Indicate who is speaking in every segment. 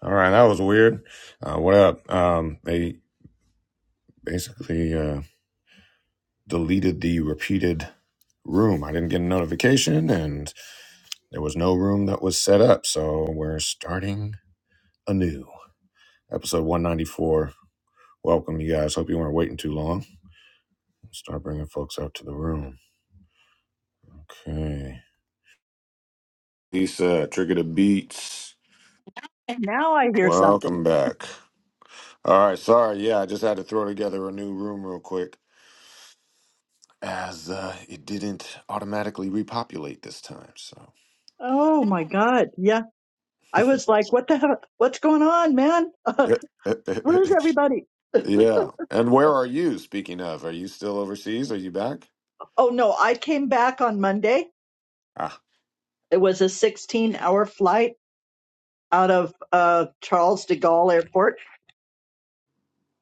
Speaker 1: All right, that was weird. Uh, what up? Um, they basically uh, deleted the repeated room. I didn't get a notification, and there was no room that was set up. So we're starting anew. Episode 194. Welcome, you guys. Hope you weren't waiting too long. Start bringing folks out to the room. Okay. Lisa, Trigger the Beats.
Speaker 2: Now I hear something.
Speaker 1: Welcome back. All right, sorry. Yeah, I just had to throw together a new room real quick. as uh, it didn't automatically repopulate this time. So,
Speaker 2: Oh my God. Yeah. I was like, what the hell? What's going on, man?
Speaker 1: yeah,
Speaker 2: where's everybody?
Speaker 1: Yeah. and where are you? Speaking of, are you still overseas? Are you back?
Speaker 2: Oh no, I came back on Monday.
Speaker 1: Ah,
Speaker 2: It was a 16 hour flight out of uh, Charles de Gaulle Airport.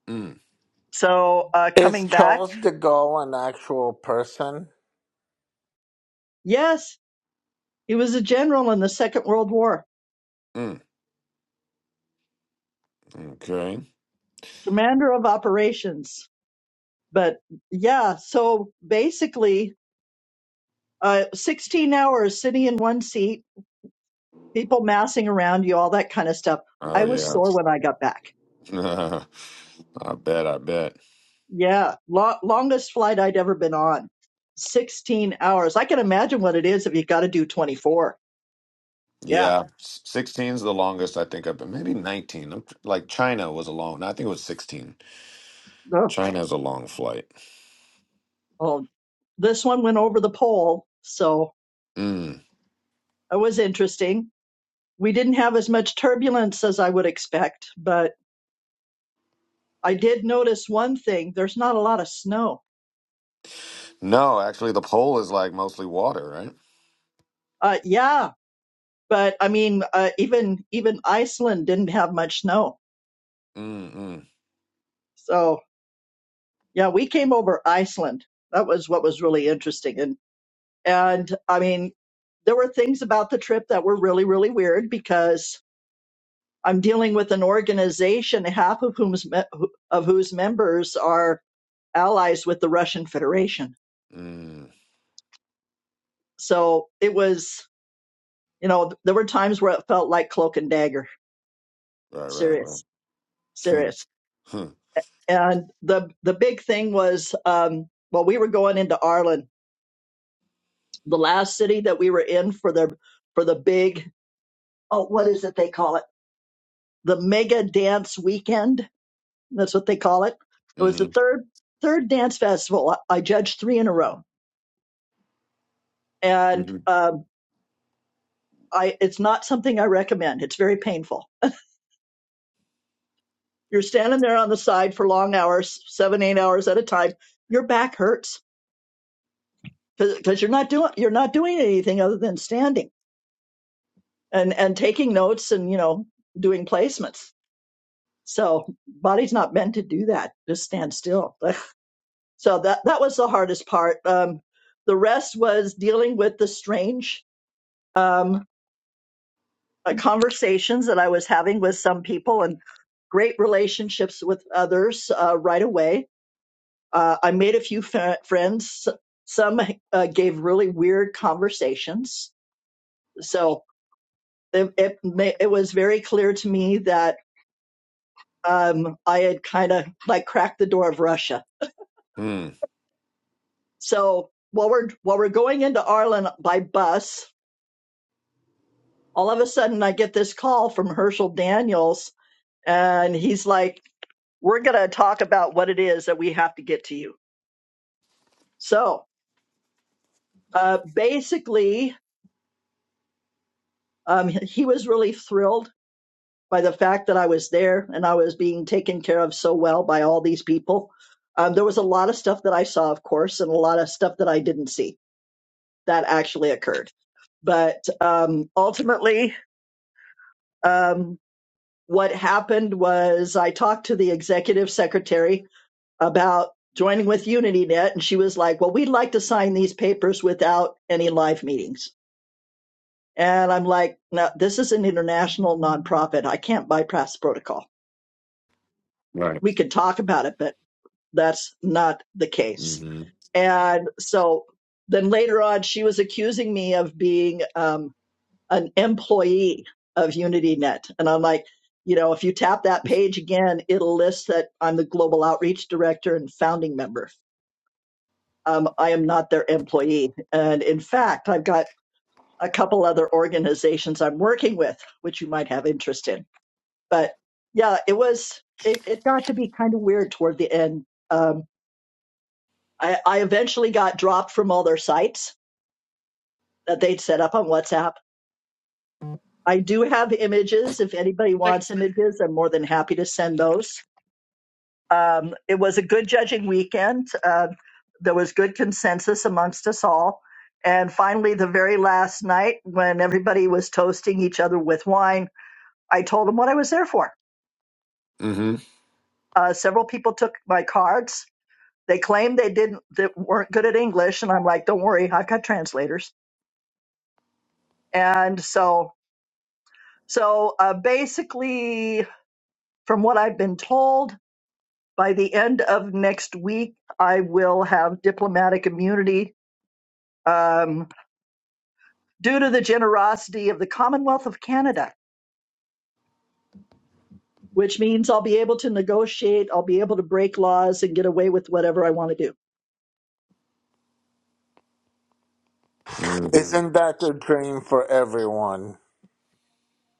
Speaker 1: mm,
Speaker 2: So uh,
Speaker 3: Is
Speaker 2: coming back,
Speaker 3: Charles de Gaulle an actual person?
Speaker 2: yes, he was a general in the Second World War,
Speaker 1: mm, okay.
Speaker 2: commander of operations. But yeah, so basically, uh, 16 hours sitting in one seat people massing around you, all that kind of stuff.
Speaker 1: Oh
Speaker 2: I was
Speaker 1: yeah,
Speaker 2: sore when I got back.
Speaker 1: I bet, I bet.
Speaker 2: Yeah, lo- longest flight I'd ever been on, 16 hours. I can imagine what it is if you got to do 24. Yeah.
Speaker 1: Yeah, sixteen is the longest I think I've been. Maybe nineteen. I'm tr- Like China was a long. No, I think it was sixteen.
Speaker 2: Oh.
Speaker 1: China is a long flight.
Speaker 2: Well, this one went over the pole, so
Speaker 1: Mm.
Speaker 2: it was interesting. We didn't have as much turbulence as I would expect, but I did notice one thing: there's not a lot of snow.
Speaker 1: No, actually, the pole is like mostly water, right?
Speaker 2: Uh, yeah, but I mean, uh, even even Iceland didn't have much snow.
Speaker 1: Mm, mm,
Speaker 2: So Yeah, we came over Iceland. That was what was really interesting. And and I mean, there were things about the trip that were really really weird because I'm dealing with an organization half of whom's me- of whose members are allies with the Russian Federation.
Speaker 1: mm.
Speaker 2: So it was, you know, there were times where it felt like cloak and dagger.
Speaker 1: Right, right, right.
Speaker 2: Serious,
Speaker 1: Huh.
Speaker 2: serious.
Speaker 1: Huh.
Speaker 2: And the the big thing was, um, well, we were going into Ireland, the last city that we were in for their for the big oh, what is it they call it? The Mega Dance Weekend. That's what they call it. It was the
Speaker 1: Mm,
Speaker 2: third third dance festival. I judged three in a row, and
Speaker 1: mhm,
Speaker 2: um, I it's not something I recommend. It's very painful. You're standing there on the side for long hours, seven eight hours at a time. Your back hurts because you're not doing you're not doing anything other than standing and and taking notes and you know doing placements. So body's not meant to do that. Just stand still. so that that was the hardest part um, the rest was dealing with the strange um, uh, conversations that i was having with some people and great relationships with others uh, right away uh, i made a few f- friends some uh, gave really weird conversations so it, it, ma- it was very clear to me that um, i had kind of like cracked the door of russia
Speaker 1: mm.
Speaker 2: so while we're while we're going into ireland by bus all of a sudden I get this call from Herschel Daniels and he's like, we're going to talk about what it is that we have to get to you. So uh, basically, um, he was really thrilled by the fact that I was there and I was being taken care of so well by all these people. Um, there was a lot of stuff that I saw, of course, and a lot of stuff that I didn't see that actually occurred. But um, ultimately, um, what happened was I talked to the executive secretary about joining with UnityNet. And she was like, Well, we'd like to sign these papers without any live meetings. And I'm like, No, this is an international nonprofit. I can't bypass protocol.
Speaker 1: Right.
Speaker 2: We could talk about it, but that's not the case.
Speaker 1: Mm-hmm.
Speaker 2: And so then later on, she was accusing me of being um, an employee of UnityNet. And I'm like, you know, if you tap that page again, it'll list that I'm the global outreach director and founding member um, I am not their employee. And in fact, I've got a couple other organizations I'm working with, which you might have interest in. But yeah, it was, it, it got to be kind of weird toward the end. Um, I, I eventually got dropped from all their sites that they'd set up on WhatsApp. I do have images. If anybody wants images, I'm more than happy to send those Um, it was a good judging weekend. Uh, there was good consensus amongst us all. And finally, the very last night, when everybody was toasting each other with wine, I told them what I was there for.
Speaker 1: Mm-hmm.
Speaker 2: Uh, several people took my cards. They claimed they didn't, they weren't good at English, and I'm like, "Don't worry, I've got translators." And so, so uh, basically, from what I've been told, by the end of next week, I will have diplomatic immunity. Um, due to the generosity of the Commonwealth of Canada, which means I'll be able to negotiate, I'll be able to break laws and get away with whatever I want to do.
Speaker 1: Mm.
Speaker 3: Isn't that the dream for everyone?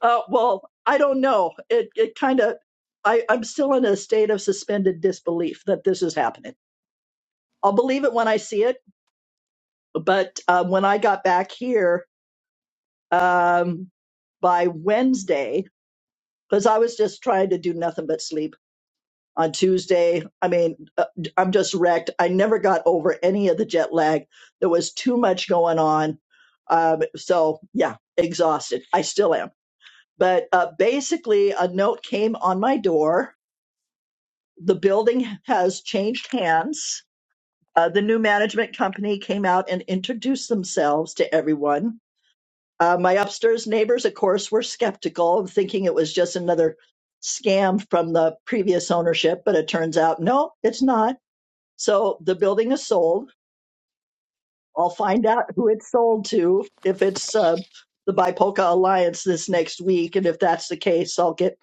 Speaker 2: Uh, well, I don't know. It it kind of I I'm still in a state of suspended disbelief that this is happening. I'll believe it when I see it, but um, when I got back here um, by Wednesday, because I was just trying to do nothing but sleep on Tuesday. I mean, uh, I'm just wrecked. I never got over any of the jet lag. There was too much going on. Um, so, yeah, exhausted. I still am. But uh, basically, a note came on my door. The building has changed hands. Uh, the new management company came out and introduced themselves to everyone. Uh, my upstairs neighbors, of course, were skeptical, thinking it was just another scam from the previous ownership, but it turns out no, it's not so the building is sold. I'll find out who it's sold to if it's uh, the BIPOCA Alliance this next week. And if that's the case, I'll get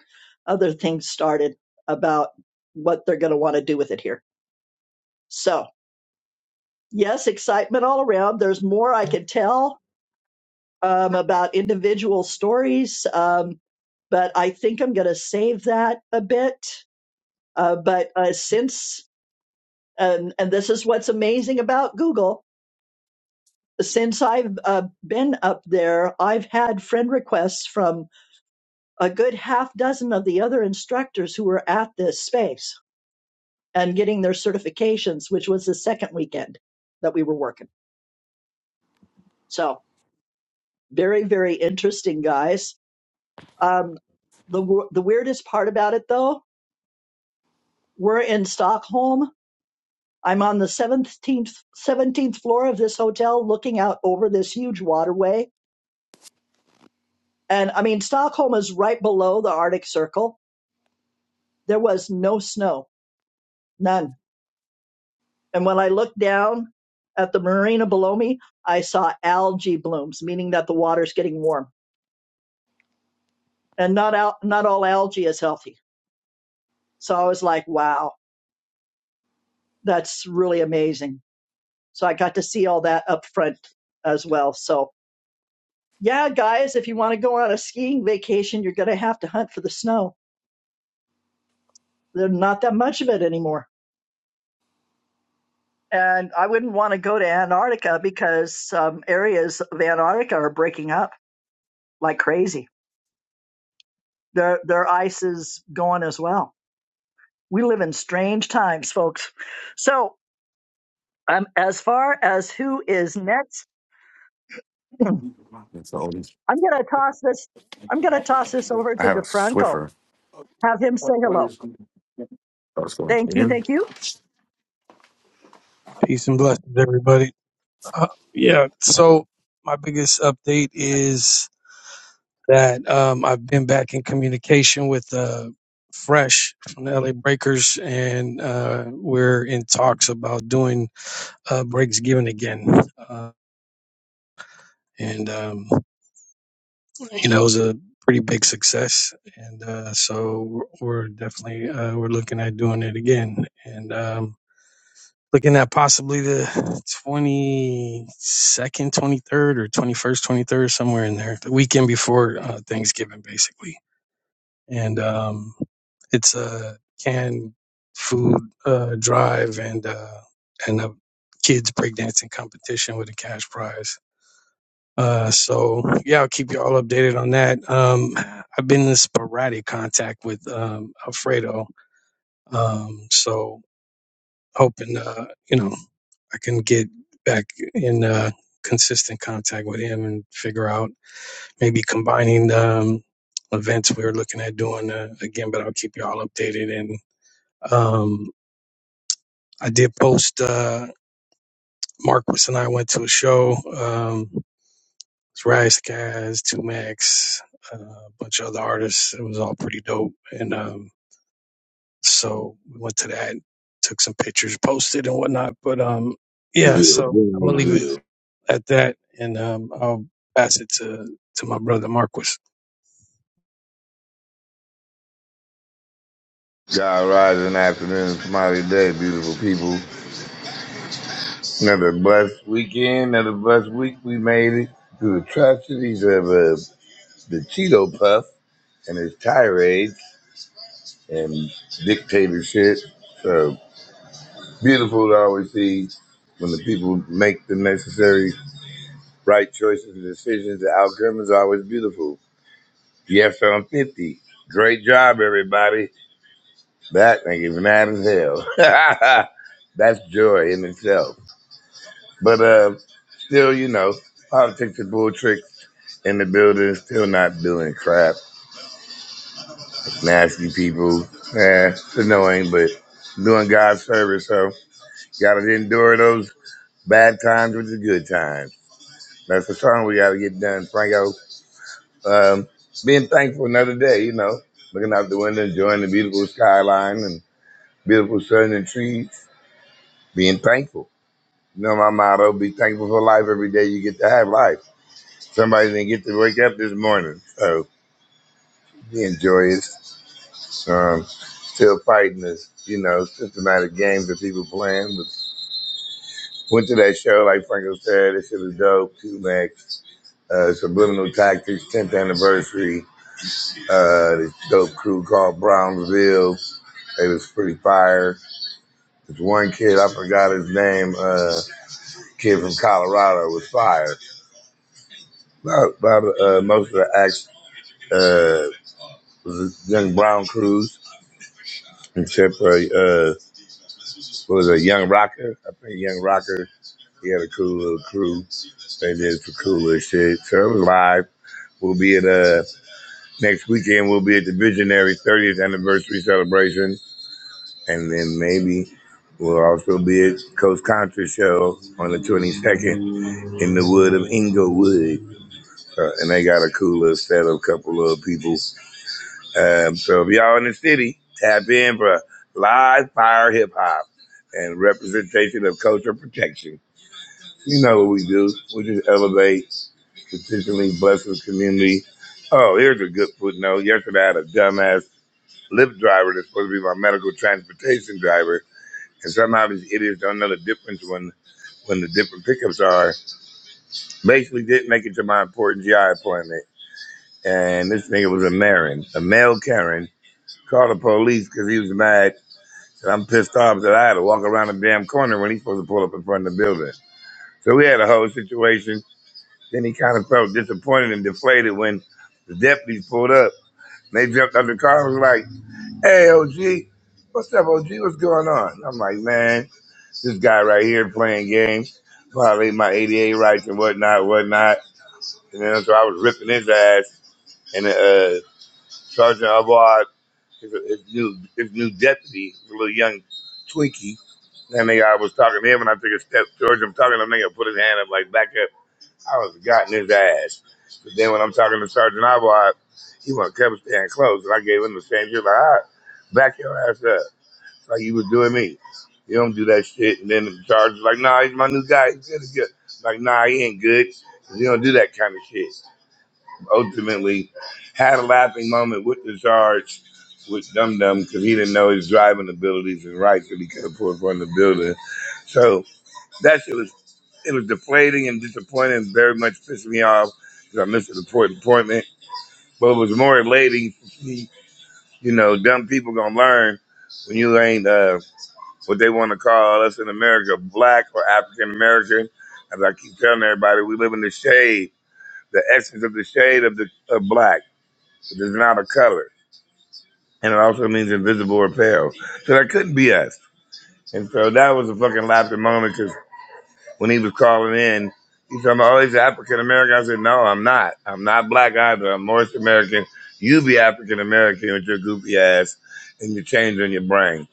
Speaker 2: other things started about what they're going to want to do with it here. So, yes, excitement all around. There's more I could tell um, about individual stories, um, but I think I'm going to save that a bit. Uh, but uh, since, and, and this is what's amazing about Google since I've uh, been up there, I've had friend requests from a good half dozen of the other instructors who were at this space and getting their certifications, which was the second weekend that we were working. So very, very interesting, guys. Um, the w- the weirdest part about it, though, we're in Stockholm. I'm on the seventeenth seventeenth floor of this hotel, looking out over this huge waterway. And I mean, Stockholm is right below the Arctic Circle There was no snow, none. And when I looked down at the marina below me, I saw algae blooms, meaning that the water's getting warm. And not al- not all algae is healthy. So I was like, wow, that's really amazing. So I got to see all that up front as well. So yeah, guys, if you want to go on a skiing vacation, you're going to have to hunt for the snow. There's not that much of it anymore. And I wouldn't want to go to Antarctica because some areas of Antarctica are breaking up like crazy. their their ice is gone as well. We live in strange times, folks. So, um, as far as who is next,
Speaker 1: That's the oldest.
Speaker 2: I'm gonna toss this. I'm gonna toss this over
Speaker 1: I
Speaker 2: to
Speaker 1: have a
Speaker 2: DeFranco.
Speaker 1: Swiffer.
Speaker 2: Have him say
Speaker 1: What what
Speaker 2: hello.
Speaker 1: is going Oh, it's going
Speaker 2: Thank you,
Speaker 1: in?
Speaker 2: thank you.
Speaker 4: Peace and blessings, everybody. Uh, yeah, so my biggest update
Speaker 2: Uh,
Speaker 4: is that um, I've been back in communication with uh, Fresh from the LA Breakers, and uh, we're in talks about doing uh, Breaks Given again. Uh, and, um, you know, it was a pretty big success. And uh, so we're we're definitely uh, we're looking at doing it again. And um, looking at possibly the 22nd, 23rd, or 21st, 23rd, somewhere in there, the weekend before uh, Thanksgiving, basically. And um, it's a canned food uh, drive and uh, and a kids breakdancing competition with a cash prize. Uh, so yeah, I'll keep you all updated on that. Um, I've been in sporadic contact with um, Alfredo, um, so hoping uh, you know I can get back in uh, consistent contact with him and figure out maybe combining the um, events we were looking at doing uh, again. But I'll keep you all updated. And um, I did post uh, Marcus and I went to a show. Um, it's Rise Guys, Two Max, uh, a bunch of other artists. It was all pretty dope. And um, so we went to that, took some pictures, posted and whatnot. But um, yeah,
Speaker 5: Boonesville,
Speaker 4: so I'm gonna leave it
Speaker 5: Boonesville.
Speaker 4: at that, and um, I'll pass it to to my brother Marquis.
Speaker 5: God rising afternoon, smiley day, beautiful people. Another blessed weekend, another blessed week. We made it through the atrocities of uh, the Cheeto Puff and his tirades and dictatorship. So beautiful to always see when the people make the necessary right choices and decisions. The outcome is always beautiful. Yes, I'm 50. Great job, everybody. That nigga's mad as hell. That's joy in itself. But uh, still, you know, politics and bull tricks in the building, still not doing crap. Nasty people. Yeah, it's annoying, but doing God's service. So got to endure those bad times with the good times. That's the song we got to get done, Franco. Um, being thankful another day, you know, looking out the window, enjoying the beautiful skyline and beautiful sun and trees, being thankful. You know my motto: be thankful for life every day you get to have life. Somebody didn't get to wake up this morning, so we enjoy it. Um, still fighting this, you know, systematic games that people playing. But went to that show, like Franco said, it shit was dope. Two Max, uh, Subliminal Tactics, 10th anniversary. Uh, this dope crew called Brownsville. They was pretty fire. This one kid, I forgot his name. Uh, kid from Colorado was fire. About, about uh, most of the acts. uh, Young Brown Cruz, except for uh, what was a Young Rocker. I think Young Rocker he had a cool little crew. They did some cool little shit. So it was live. We'll be at uh next weekend. We'll be at the Visionary 30th anniversary celebration, and then maybe we'll also be at Coast Contra show on the 22nd in the wood of Inglewood. Uh, and they got a cool little set of couple of people Um, so if y'all in the city, tap in for live fire hip hop and representation of culture protection. You know what we do. We just elevate, consistently bless the community. Oh, here's a good footnote. Yesterday I had a dumbass Lyft driver that's supposed to be my medical transportation driver. And somehow these idiots don't know the difference when, when the different pickups are. Basically didn't make it to my important GI appointment. And this nigga was a Marin, a male Karen. Called the police because he was mad And I'm pissed off that I had to walk around the damn corner when he's supposed to pull up in front of the building. So we had a whole situation. Then he kind of felt disappointed and deflated when the deputies pulled up. And they jumped out the car and was like, hey, OG, what's up, OG? What's going on? I'm like, man, this guy right here playing games, violating my ADA rights and whatnot, whatnot. And then so I was ripping his ass. And uh, Sergeant Abar his, his new his new deputy, his little young Twinkie. That nigga, I was talking to him, and I took a step towards him, talking to him. Nigga, put his hand up, like back up. I was gotten his ass. But then when I'm talking to Sergeant Alvard, he want to come stand close, and I gave him the same shit. Like, all right, back your ass up, It's like you was doing me. You don't do that shit. And then the Sergeant's like, nah, he's my new guy. He's good. He's good. Like, nah, he ain't good. You don't do that kind of shit ultimately had a laughing moment with the charge with Dum Dum because he didn't know his driving abilities and rights that he could have pulled from the building. So that shit was it was deflating and disappointing, and very much pissed me off because I missed an important appointment. But it was more elating to see, you know, dumb people gonna learn when you ain't uh, what they want to call us in America, black or African American. As I keep telling everybody, we live in the shade, the essence of the shade of the of black. It is not a color. And it also means invisible or pale. So that couldn't be us. And so that was a fucking laughing moment because when he was calling in, he told me, oh, he's African American. I said, no, I'm not. I'm not black either. I'm North American. You be African American with your goofy ass and your change in your brain.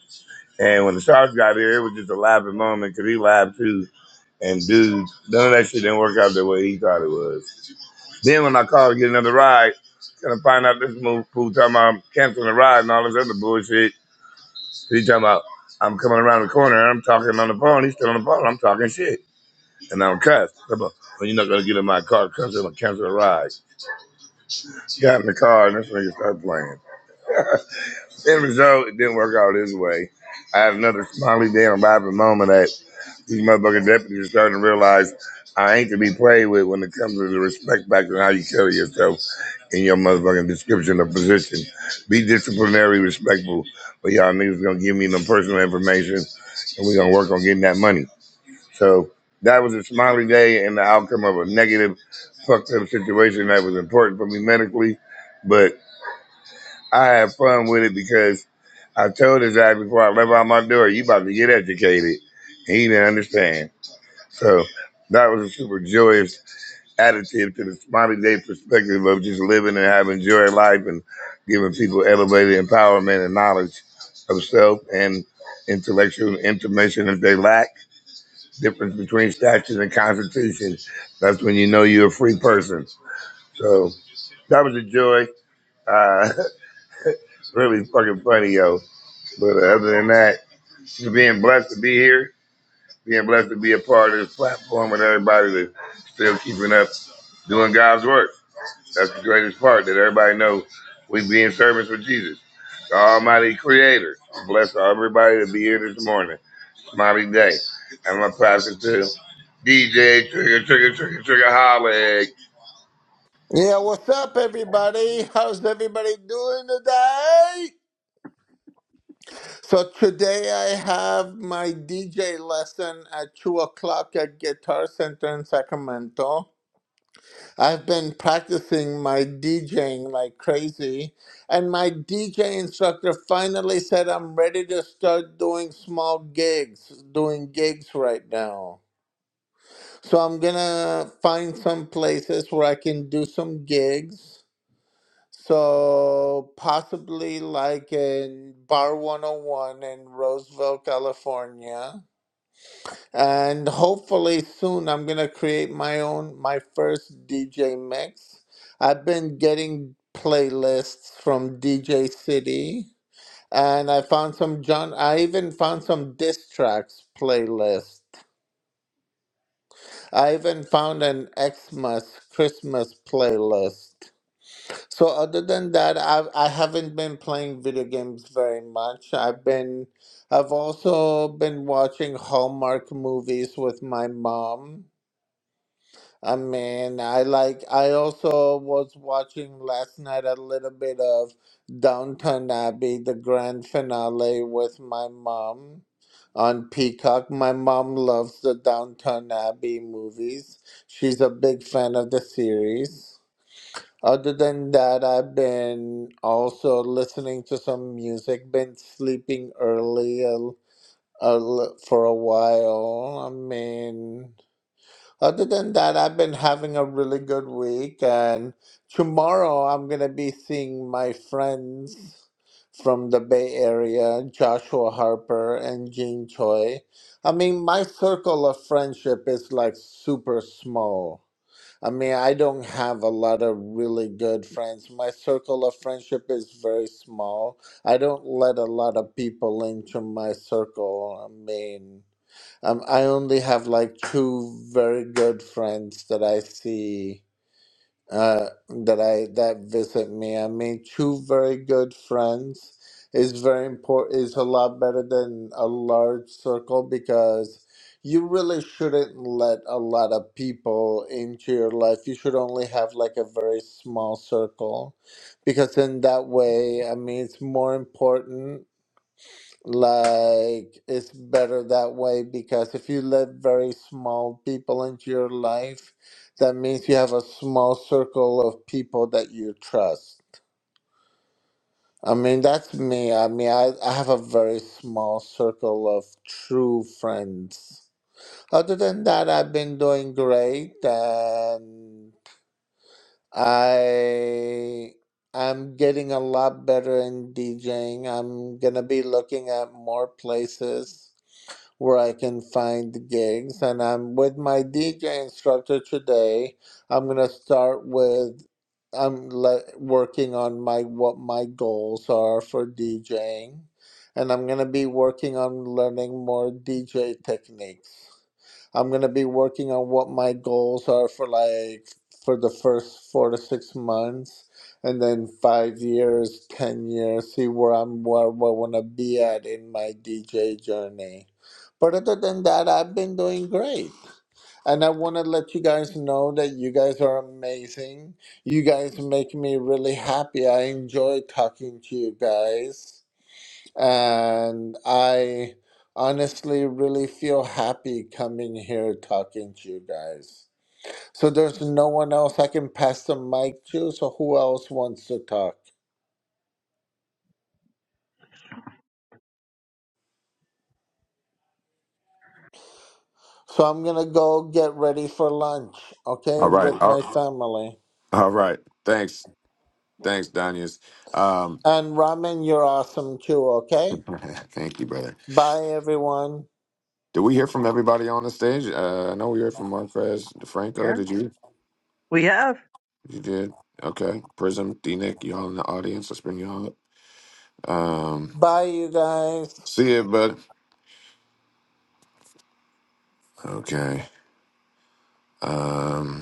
Speaker 5: And when the Sharks got here, it was just a laughing moment because he laughed too. And dude, none of that shit didn't work out the way he thought it was. Then when I call to get another ride, gonna find out this move fool talking about I'm canceling the ride and all this other bullshit. He talking about I'm coming around the corner and I'm talking on the phone. He's still on the phone. I'm talking shit. And I'm cussed. I'm like, well, you're not gonna get in my car because I'm gonna cancel the ride. Got in the car and this nigga started playing. End result, it didn't work out this way. I had another smiley damn vibing moment that these motherfucking deputies are starting to realize I ain't to be played with when it comes to the respect factor and how you carry yourself in your motherfucking description of position. Be disciplinary, respectful. But y'all niggas gonna give me them personal information and we gonna work on getting that money. So that was a smiley day and the outcome of a negative fucked up situation that was important for me medically. But I had fun with it because I told his ass before I left out my door, you about to get educated. And he didn't understand. So that was a super joyous attitude to this modern day perspective of just living and having joy in life and giving people elevated empowerment and knowledge of self and intellectual information if they lack. Difference between statutes and constitution. That's when you know you're a free person. So that was a joy. Uh, really fucking funny, yo. But uh, other than that, just being blessed to be here, being blessed to be a part of this platform with everybody that's still keeping up doing God's work. That's the greatest part that everybody knows. We be in service with Jesus, the Almighty Creator. Bless everybody to be here this morning, mighty day. And my pastor too, DJ Trigger Trigger Trigger Trigger Holly,
Speaker 3: Yeah, what's up, everybody? How's everybody doing today? So, today I have my DJ lesson at 2 o'clock at Guitar Center in Sacramento. I've been practicing my DJing like crazy, and my DJ instructor finally said I'm ready to start doing small gigs, doing gigs right now. So I'm gonna find some places where I can do some gigs. So possibly like in Bar 101 in Roseville, California. And hopefully soon I'm gonna create my own my first DJ mix. I've been getting playlists from DJ City and I found some John I even found some diss tracks playlist I even found an Xmas Christmas playlist. So other than that, I I haven't been playing video games very much. I've been I've also been watching Hallmark movies with my mom. I mean, I like. I also was watching last night a little bit of Downton Abbey, the grand finale, with my mom on Peacock. My mom loves the Downton Abbey movies. She's a big fan of the series. Other than that, I've been also listening to some music. Been sleeping early a, a, l- for a while. I mean. Other than that, I've been having a really good week, and tomorrow I'm gonna be seeing my friends from the Bay Area, Joshua Harper and Jean Choi. I mean, my circle of friendship is like super small. I mean, I don't have a lot of really good friends. My circle of friendship is very small. I don't let a lot of people into my circle. I mean, um, I only have like two very good friends that I see uh, that I that visit me. I mean, two very good friends is very important. is a lot better than a large circle because you really shouldn't let a lot of people into your life. You should only have like a very small circle because in that way, I mean, it's more important like it's better that way because if you let very small people into your life that means you have a small circle of people that you trust i mean that's me i mean i, I have a very small circle of true friends other than that i've been doing great and i i'm getting a lot better in djing i'm gonna be looking at more places where I can find the gigs. And I'm with my DJ instructor today. I'm gonna start with I'm le- working on my what my goals are for DJing, and I'm gonna be working on learning more DJ techniques. I'm gonna be working on what my goals are for like for the first four to six months, and then five years, ten years, see where I'm where, where I wanna be at in my DJ journey. But other than that, I've been doing great. And I want to let you guys know that you guys are amazing. You guys make me really happy. I enjoy talking to you guys. And I honestly really feel happy coming here talking to you guys. So there's no one else I can pass the mic to, so who else wants to talk? So I'm gonna go get ready for lunch, okay,
Speaker 1: All right.
Speaker 3: with my
Speaker 1: All,
Speaker 3: family.
Speaker 1: all right. Thanks. Thanks, Danius. Um,
Speaker 3: And Ramen, you're awesome too, okay?
Speaker 1: thank you, brother.
Speaker 3: Bye everyone.
Speaker 1: Did we hear from everybody on the stage? Uh, I know we heard from Marquez DeFranco.
Speaker 2: Yeah,
Speaker 1: Did you?
Speaker 2: we have.
Speaker 1: You did. Okay. Prism, D Nick, y'all in the audience. Let's bring y'all up. Um,
Speaker 3: Bye you guys.
Speaker 1: see it, bud. Okay. Um,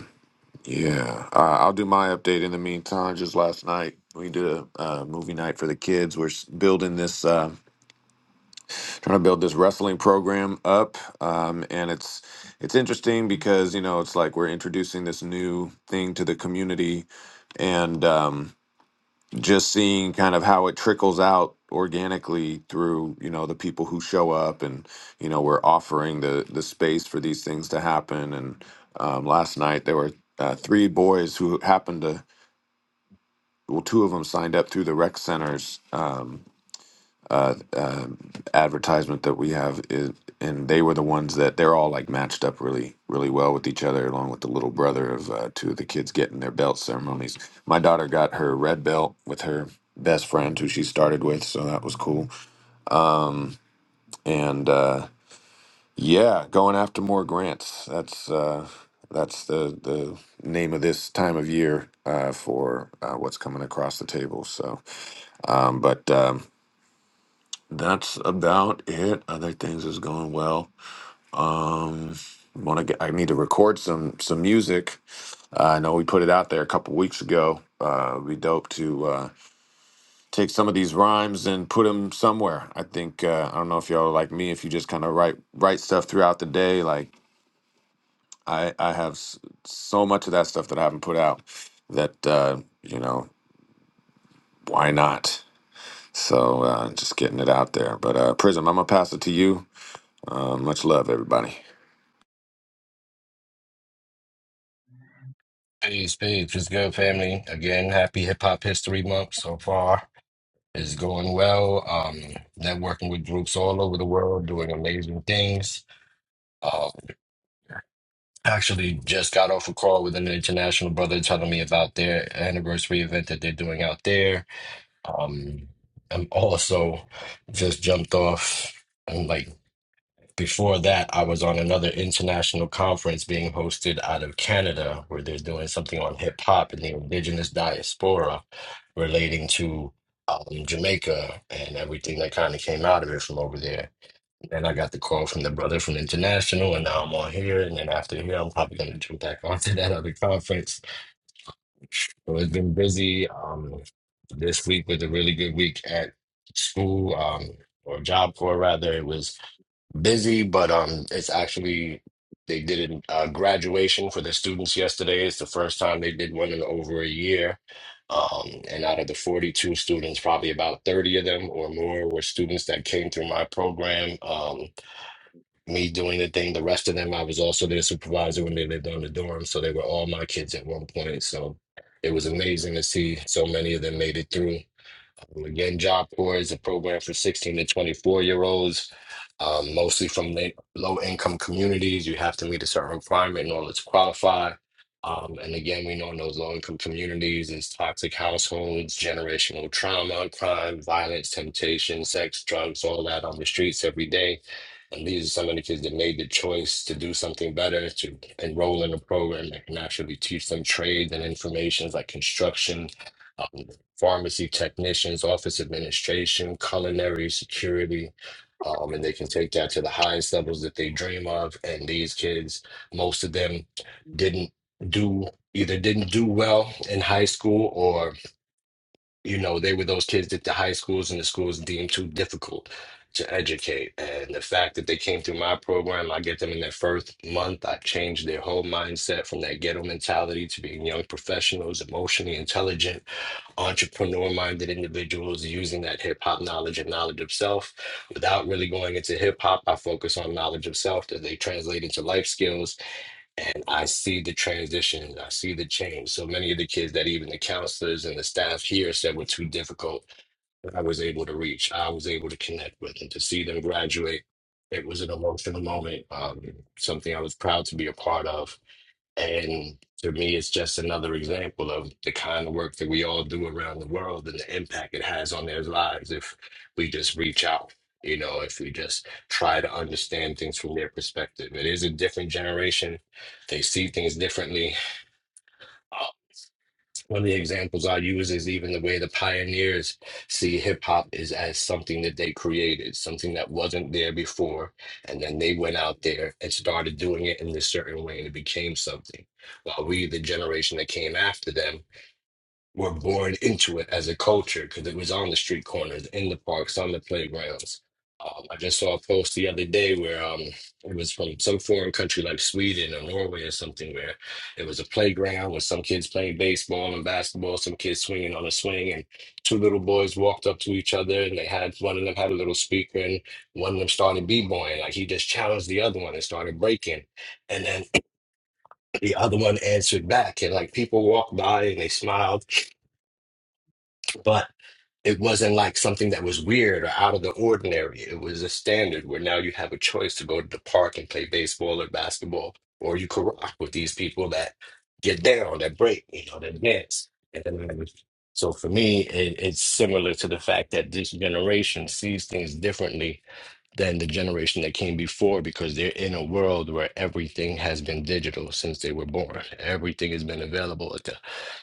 Speaker 1: Yeah, uh, I'll do my update in the meantime. Just last night, we did a uh, movie night for the kids. We're s- building this, uh, trying to build this wrestling program up, um, and it's it's interesting because you know it's like we're introducing this new thing to the community, and um, just seeing kind of how it trickles out organically through you know the people who show up, and you know we're offering the the space for these things to happen. And um, last night there were uh, three boys who happened to well, two of them signed up through the rec center's um, uh, um advertisement that we have, is, and they were the ones that they're all like matched up really, really well with each other, along with the little brother of uh, two of the kids getting their belt ceremonies. My daughter got her red belt with her best friend who she started with, so that was cool. And uh, yeah, going after more grants. That's uh, that's the the name of this time of year uh, for uh, what's coming across the table. So, um, but. Um, that's about it. Other things is going well. Want to get? I need to record some some music. Uh, I know we put it out there a couple weeks ago. Uh, it'd be dope to uh, take some of these rhymes and put them somewhere. I think uh, I don't know if y'all are like me. If you just kind of write write stuff throughout the day, like I I have s- so much of that stuff that I haven't put out. That uh, you know why not? So uh, just getting it out there. But uh, Prism, I'm gonna pass it to you. Uh, much love, everybody.
Speaker 6: Peace, peace. It's good, family. Again, happy Hip Hop History Month so far. It's going well. Um, networking with groups all over the world, doing amazing things. Uh, actually, just got off a call with an international brother telling me about their anniversary event that they're doing out there. Um, I'm also just jumped off. I'm like. Before that, I was on another international conference being hosted out of Canada, where they're doing something on hip hop and the indigenous diaspora relating to um, Jamaica and everything that kind of came out of it from over there. Then I got the call from the brother from International, and now I'm on here. And then after here, I'm probably going to jump back onto that other conference. So it's been busy. Um, this week was a really good week at school um, or job corps rather. It was busy, but um, it's actually they did a uh, graduation for the students yesterday. It's the first time they did one in over a year. Um, and out of the 42 students, probably about 30 of them or more were students that came through my program. Um, me doing the thing, the rest of them, I was also their supervisor when they lived on the dorm. So they were all my kids at one point. So it was amazing to see so many of them made it through. Um, Again, Job Corps is a program for 16 to 24 year olds, um, mostly from la- low income communities. You have to meet a certain requirement in order to qualify. Um, and again, we know in those low income communities, it's toxic households, generational trauma, crime, violence, temptation, sex, drugs, all that on the streets every day. And these are some of the kids that made the choice to do something better, to enroll in a program that can actually teach them trades and informations like construction, pharmacy technicians, office administration, culinary, security. Um, and they can take that to the highest levels that they dream of. And these kids, most of them didn't do either didn't do well in high school or, you know, they were those kids that the high schools and the schools deemed too difficult to educate. And the fact that they came through my program, I get them in their first month. I changed their whole mindset from that ghetto mentality to being young professionals, emotionally intelligent entrepreneur minded individuals using that hip hop knowledge and knowledge of self without really going into hip hop. I focus on knowledge of self that they translate into life skills. And I see the transition, I see the change. So many of the kids that even the counselors and the staff here said were too difficult, I was able to reach, I was able to connect with, and to see them graduate. It was an emotional moment, um, something I was proud to be a part of. And to me, it's just another example of the kind of work that we all do around the world and the impact it has on their lives if we just reach out, you know, if we just try to understand things from their perspective. It is a different generation, they see things differently. One of the examples I use is even the way the pioneers see hip hop is as something that they created, something that wasn't there before. And then they went out there and started doing it in this certain way and it became something. While we, the generation that came after them, were born into it as a culture because it was on the street corners, in the parks, on the playgrounds. Um, I just saw a post the other day where um, it was from some foreign country like Sweden or Norway or something, where it was a playground with some kids playing baseball and basketball, some kids swinging on a swing, and two little boys walked up to each other and they had one of them had a little speaker and one of them started b-boying. Like he just challenged the other one and started breaking. And then the other one answered back, and like people walked by and they smiled but it wasn't like something that was weird or out of the ordinary. It was a standard where now you have a choice to go to the park and play baseball or basketball, or you could rock with these people that get down, that break, you know, that dance. And then, so for me, it, it's similar to the fact that this generation sees things differently than the generation that came before because they're in a world where everything has been digital since they were born. Everything has been available at the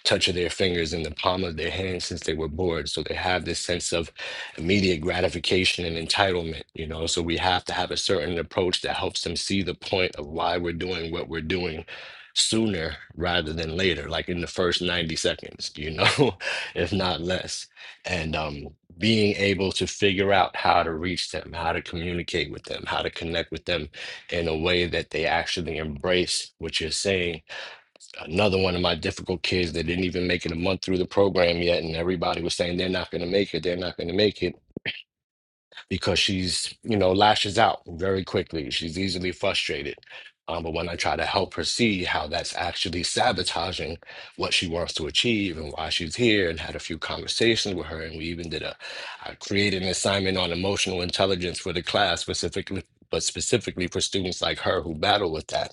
Speaker 6: touch of their fingers and the palm of their hand since they were born. So they have this sense of immediate gratification and entitlement, you know. So we have to have a certain approach that helps them see the point of why we're doing what we're doing sooner rather than later, like in the first 90 seconds, you know, if not less. And um being able to figure out how to reach them, how to communicate with them, how to connect with them in a way that they actually embrace what you're saying. Another one of my difficult kids that didn't even make it a month through the program yet, and everybody was saying they're not going to make it, they're not going to make it because she's, you know, lashes out very quickly. She's easily frustrated. Um, but when I try to help her see how that's actually sabotaging what she wants to achieve and why she's here, and had a few conversations with her, and we even did a, I created an assignment on emotional intelligence for the class specifically, but specifically for students like her who battle with that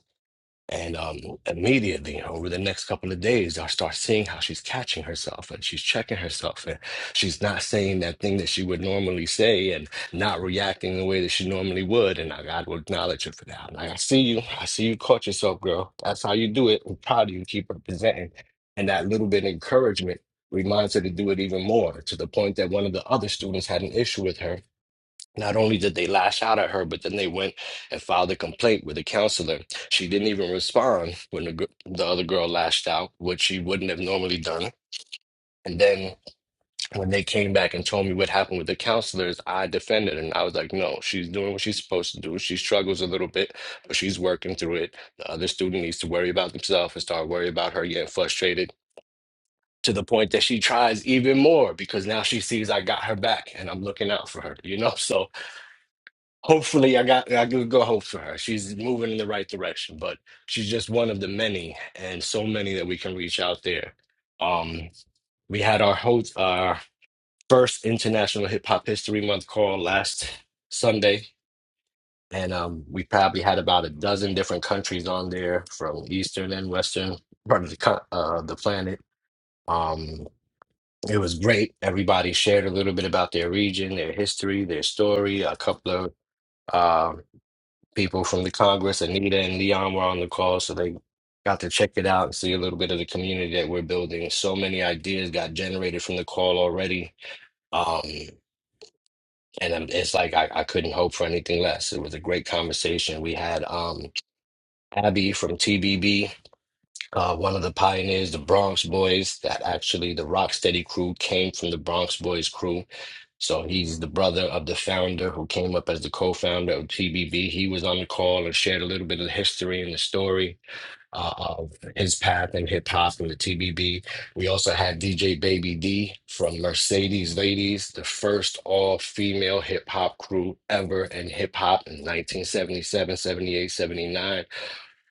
Speaker 6: and um, immediately, over the next couple of days, I start seeing how she's catching herself and she's checking herself and she's not saying that thing that she would normally say and not reacting the way that she normally would. And I got to acknowledge her for that. I'm like, I see you. I see you caught yourself, girl. That's how you do it. I'm proud of you. Keep representing. And that little bit of encouragement reminds her to do it even more to the point that one of the other students had an issue with her not only did they lash out at her, but then they went and filed a complaint with the counselor. She didn't even respond when the, gr- the other girl lashed out, which she wouldn't have normally done. And then when they came back and told me what happened with the counselors, I defended and I was like, no, she's doing what she's supposed to do. She struggles a little bit, but she's working through it. The other student needs to worry about themselves and start worrying about her getting frustrated to the point that she tries even more because now she sees I got her back and I'm looking out for her, you know? So Hopefully, I got I can go hope for her. She's moving in the right direction, but she's just one of the many and so many that we can reach out there. Um, we had our host, our first International Hip Hop History Month call last Sunday, and um, we probably had about a dozen different countries on there from Eastern and Western part of the co- uh, the planet. Um, it was great. Everybody shared a little bit about their region, their history, their story. A couple of um, people from the Congress. Anita and Leon were on the call, so they got to check it out and see a little bit of the community that we're building. So many ideas got generated from the call already. Um, and I'm, it's like I, I couldn't hope for anything less. It was a great conversation. We had um, Abby from TBB uh, one of the pioneers, the Bronx Boys. That actually the Rocksteady crew came from the Bronx Boys crew. So he's the brother of the founder who came up as the co-founder of TBB. He was on the call and shared a little bit of the history and the story uh, of his path in hip hop and the TBB. We also had DJ Baby D from Mercedes Ladies, the first all-female hip hop crew ever in hip hop in 1977, 78, seventy-nine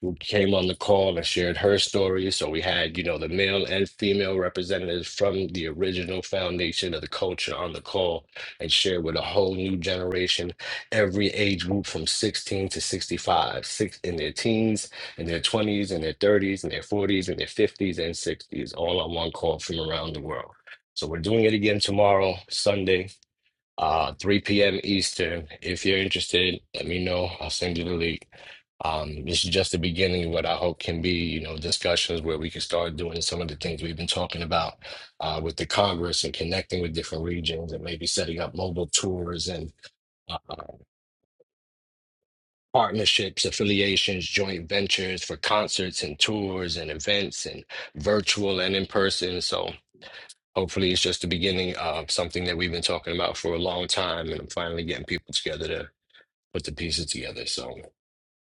Speaker 6: who came on the call and shared her story. So we had, you know, the male and female representatives from the original foundation of the culture on the call and shared with a whole new generation, every age group from 16 to 65, six in their teens, in their 20s, in their 30s, in their 40s, in their 50s, and 60s, all on one call from around the world. So we're doing it again tomorrow, Sunday uh 3 p.m. Eastern. If you're interested, let me know. I'll send you the link. Um, this is just the beginning of what I hope can be, you know, discussions where we can start doing some of the things we've been talking about uh, with the Congress and connecting with different regions and maybe setting up mobile tours and uh, uh, partnerships, affiliations, joint ventures for concerts and tours and events and virtual and in person. So hopefully it's just the beginning of something that we've been talking about for a long time and I'm finally getting people together put the pieces together. So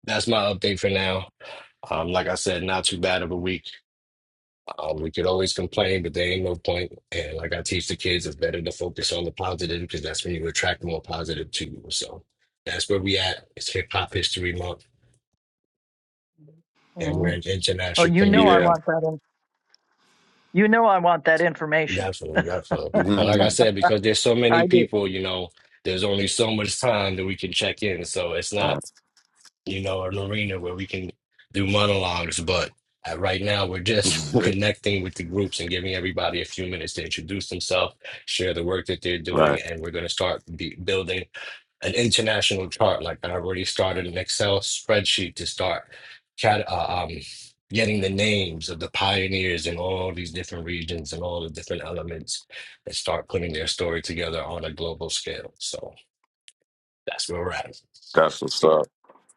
Speaker 6: that's my update for now. Um, like I said, not too bad of a week. Um, we could always complain, but there ain't no point. And like I teach the kids, it's better to focus on the positive because that's when you attract more positive to you. So that's where we at. It's Hip Hop History Month, and we're
Speaker 2: Mhm.
Speaker 6: an
Speaker 2: Well,
Speaker 6: international
Speaker 2: you know I
Speaker 1: Yeah.
Speaker 6: community.
Speaker 2: want that. In, you know I want that information.
Speaker 6: Definitely, definitely. But like I said, because there's so
Speaker 2: I
Speaker 6: many
Speaker 2: do.
Speaker 6: people, you know, there's only so much time that we can check in. So it's not
Speaker 1: Right.
Speaker 6: you know, an arena where we can do monologues. But uh, right now, we're just connecting with the groups and giving everybody a few minutes to introduce themselves, share the work that they're doing,
Speaker 1: right.
Speaker 6: and we're going to start be building an international chart. Like I already started an Excel spreadsheet to start cat- uh, um, getting the names of the pioneers in all these different regions and all the different elements and start putting their story together on a global scale. So that's where we're at.
Speaker 1: That's what's up.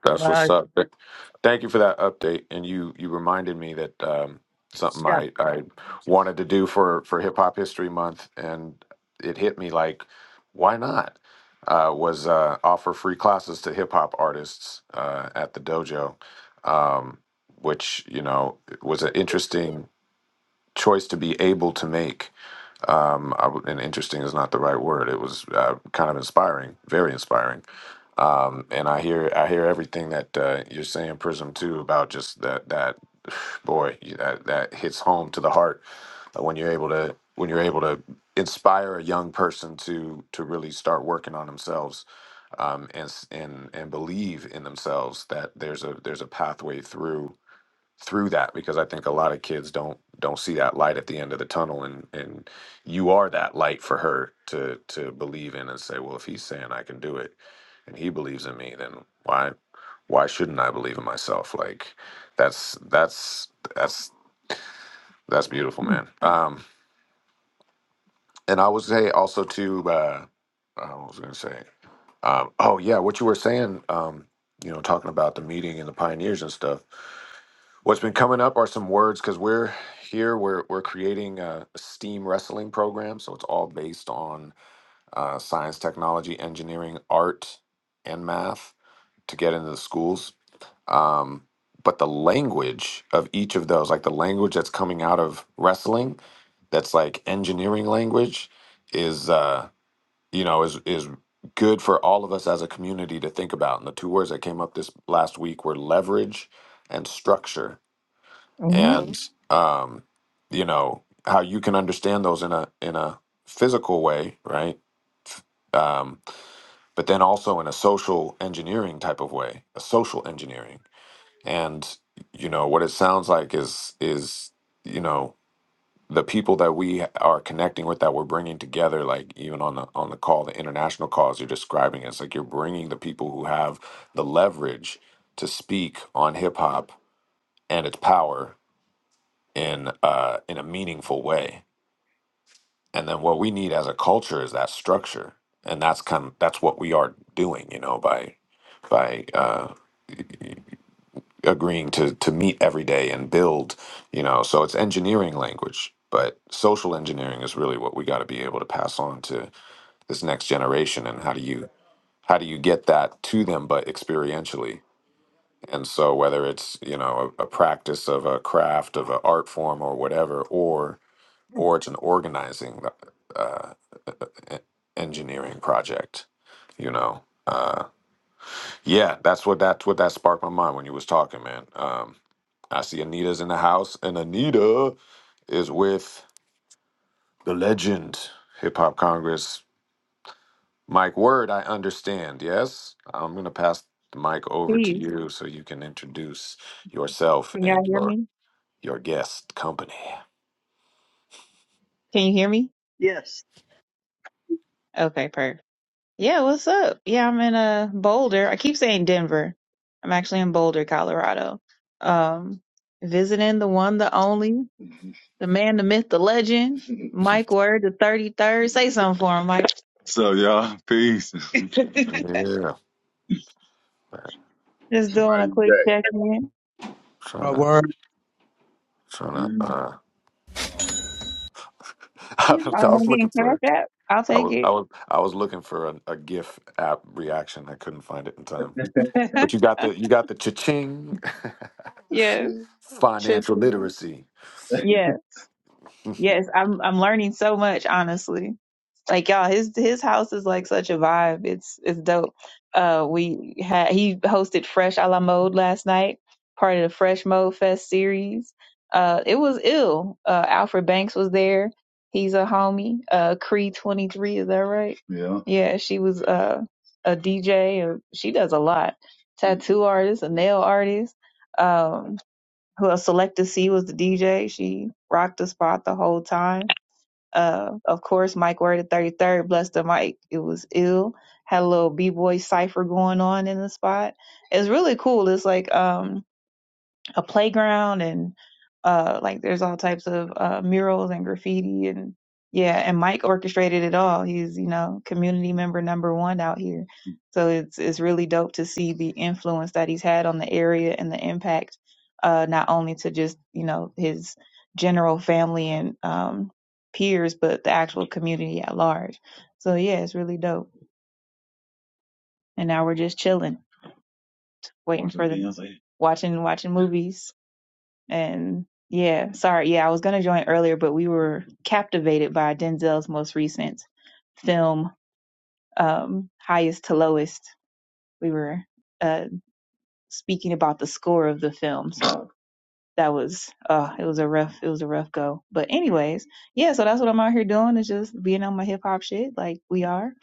Speaker 1: That's
Speaker 2: Uh,
Speaker 1: what's up. Th- Thank you for that update. And you you reminded me that um, something
Speaker 2: yeah.
Speaker 1: I, I wanted to do for, for Hip Hop History Month, and it hit me like, why not? Uh, was uh, offer free classes to hip hop artists uh, at the dojo, um, which you know was an interesting choice to be able to make. Um, I w and interesting is not the right word. It was uh, kind of inspiring, very inspiring Um, and I hear I hear everything that uh, you're saying, Prism, too, about just that that boy you- that that hits home to the heart uh, when you're able to when you're able to inspire a young person to to really start working on themselves um, and s- and and believe in themselves that there's a there's a pathway through through that because I think a lot of kids don't don't see that light at the end of the tunnel and and you are that light for her to to believe in and say, well, if he's saying I can do it and he believes in me, then why why shouldn't I believe in myself? Like that's that's that's that's beautiful, man. Um and I would say also to uh I was I gonna say um oh yeah, what you were saying um you know talking about the meeting and the pioneers and stuff What's been coming up are some words because we're here. We're we're creating a STEAM wrestling program, so it's all based on uh, science, technology, engineering, art, and math to get into the schools. Um, but the language of each of those, like the language that's coming out of wrestling, that's like engineering language, is uh, you know is is good for all of us as a community to think about. And the two words that came up this last week were leverage and structure
Speaker 2: hmm
Speaker 1: and um, you know how you can understand those in a in a physical way, right? Um, but then also in a social engineering type of way, a social engineering, and you know what it sounds like is is you know the people that we are connecting with that we're bringing together like even on the on the call the international calls you're describing it's like you're bringing the people who have the leverage to speak on hip hop and its power in uh, in a meaningful way. And then what we need as a culture is that structure, and that's kind of, that's what we are doing, you know, by by uh, agreeing to to meet every day and build, you know. So it's engineering language, but social engineering is really what we got to be able to pass on to this next generation. And how do you how do you get that to them, but experientially? And so whether it's you know a, a practice of a craft of an art form or whatever, or or it's an organizing uh, e- engineering project. You know, uh, yeah, that's what that's what that sparked my mind when you was talking, man. Um, I see Anita's in the house, and Anita is with the legend, Hip Hop Congress, Mike Word. I understand. Yes, I'm gonna pass the mic over to
Speaker 7: Please,
Speaker 1: you so you can introduce yourself
Speaker 7: can y'all
Speaker 1: and
Speaker 7: hear
Speaker 1: your
Speaker 7: me?
Speaker 1: your guest company.
Speaker 7: Can you hear me?
Speaker 2: Yes.
Speaker 7: Okay, perfect. Yeah, what's up? Yeah, I'm in uh Boulder. I keep saying Denver. I'm actually in Boulder, Colorado. Um, visiting the one, the only, the man, the myth, the legend, Mike Word, the 33rd. Say something for him, Mike. So y'all, peace.
Speaker 1: yeah,
Speaker 7: Just doing a
Speaker 5: mighty
Speaker 7: quick
Speaker 5: day.
Speaker 7: check in.
Speaker 4: My
Speaker 1: trying to
Speaker 4: word,
Speaker 1: trying to
Speaker 7: Mm.
Speaker 1: uh, I
Speaker 7: Um, I'm
Speaker 1: was looking
Speaker 7: getting
Speaker 1: for
Speaker 7: cash
Speaker 1: it.
Speaker 7: app. I'll
Speaker 1: I
Speaker 7: take
Speaker 1: was I
Speaker 7: it.
Speaker 1: was I was looking for a, a GIF app reaction. I couldn't find it in time. But you got the you got the cha-ching
Speaker 7: Yeah. Should
Speaker 1: financial
Speaker 7: be.
Speaker 1: literacy.
Speaker 7: Yeah. Yes. I'm I'm learning so much, honestly. Like y'all, his his house is like such a vibe. It's it's dope. Uh, we had he hosted Fresh a la Mode last night, part of the Fresh Mode Fest series. Uh, it was ill. Uh, Alfred Banks was there. He's a homie. Uh, Cree twenty three, is that right? Yeah. Yeah, she was uh a DJ. Or she does a lot. Tattoo artist, a nail artist. Um, who else? Selecta C was the DJ. She rocked the spot the whole time uh, of course, Mike Word the 33rd, bless the mic. It was ill. Had a little B-boy cipher going on in the spot. It's really cool. It's like, um, a playground and uh like there's all types of uh murals and graffiti and yeah and Mike orchestrated it all he's you know community member number one out here so it's it's really dope to see the influence that he's had on the area and the impact uh not only to just you know his general family and um peers but the actual community at large so yeah it's really dope and now we're just chilling waiting Watching for the videos, eh? watching watching movies And yeah, sorry. Yeah, I was going to join earlier, but we were captivated by Denzel's most recent film, um, Highest to Lowest. We were uh, speaking about the score of the film. So that was, uh, it was a rough, it was a rough go. But anyways, yeah, so that's what I'm out here doing is just being on my hip hop shit like we are.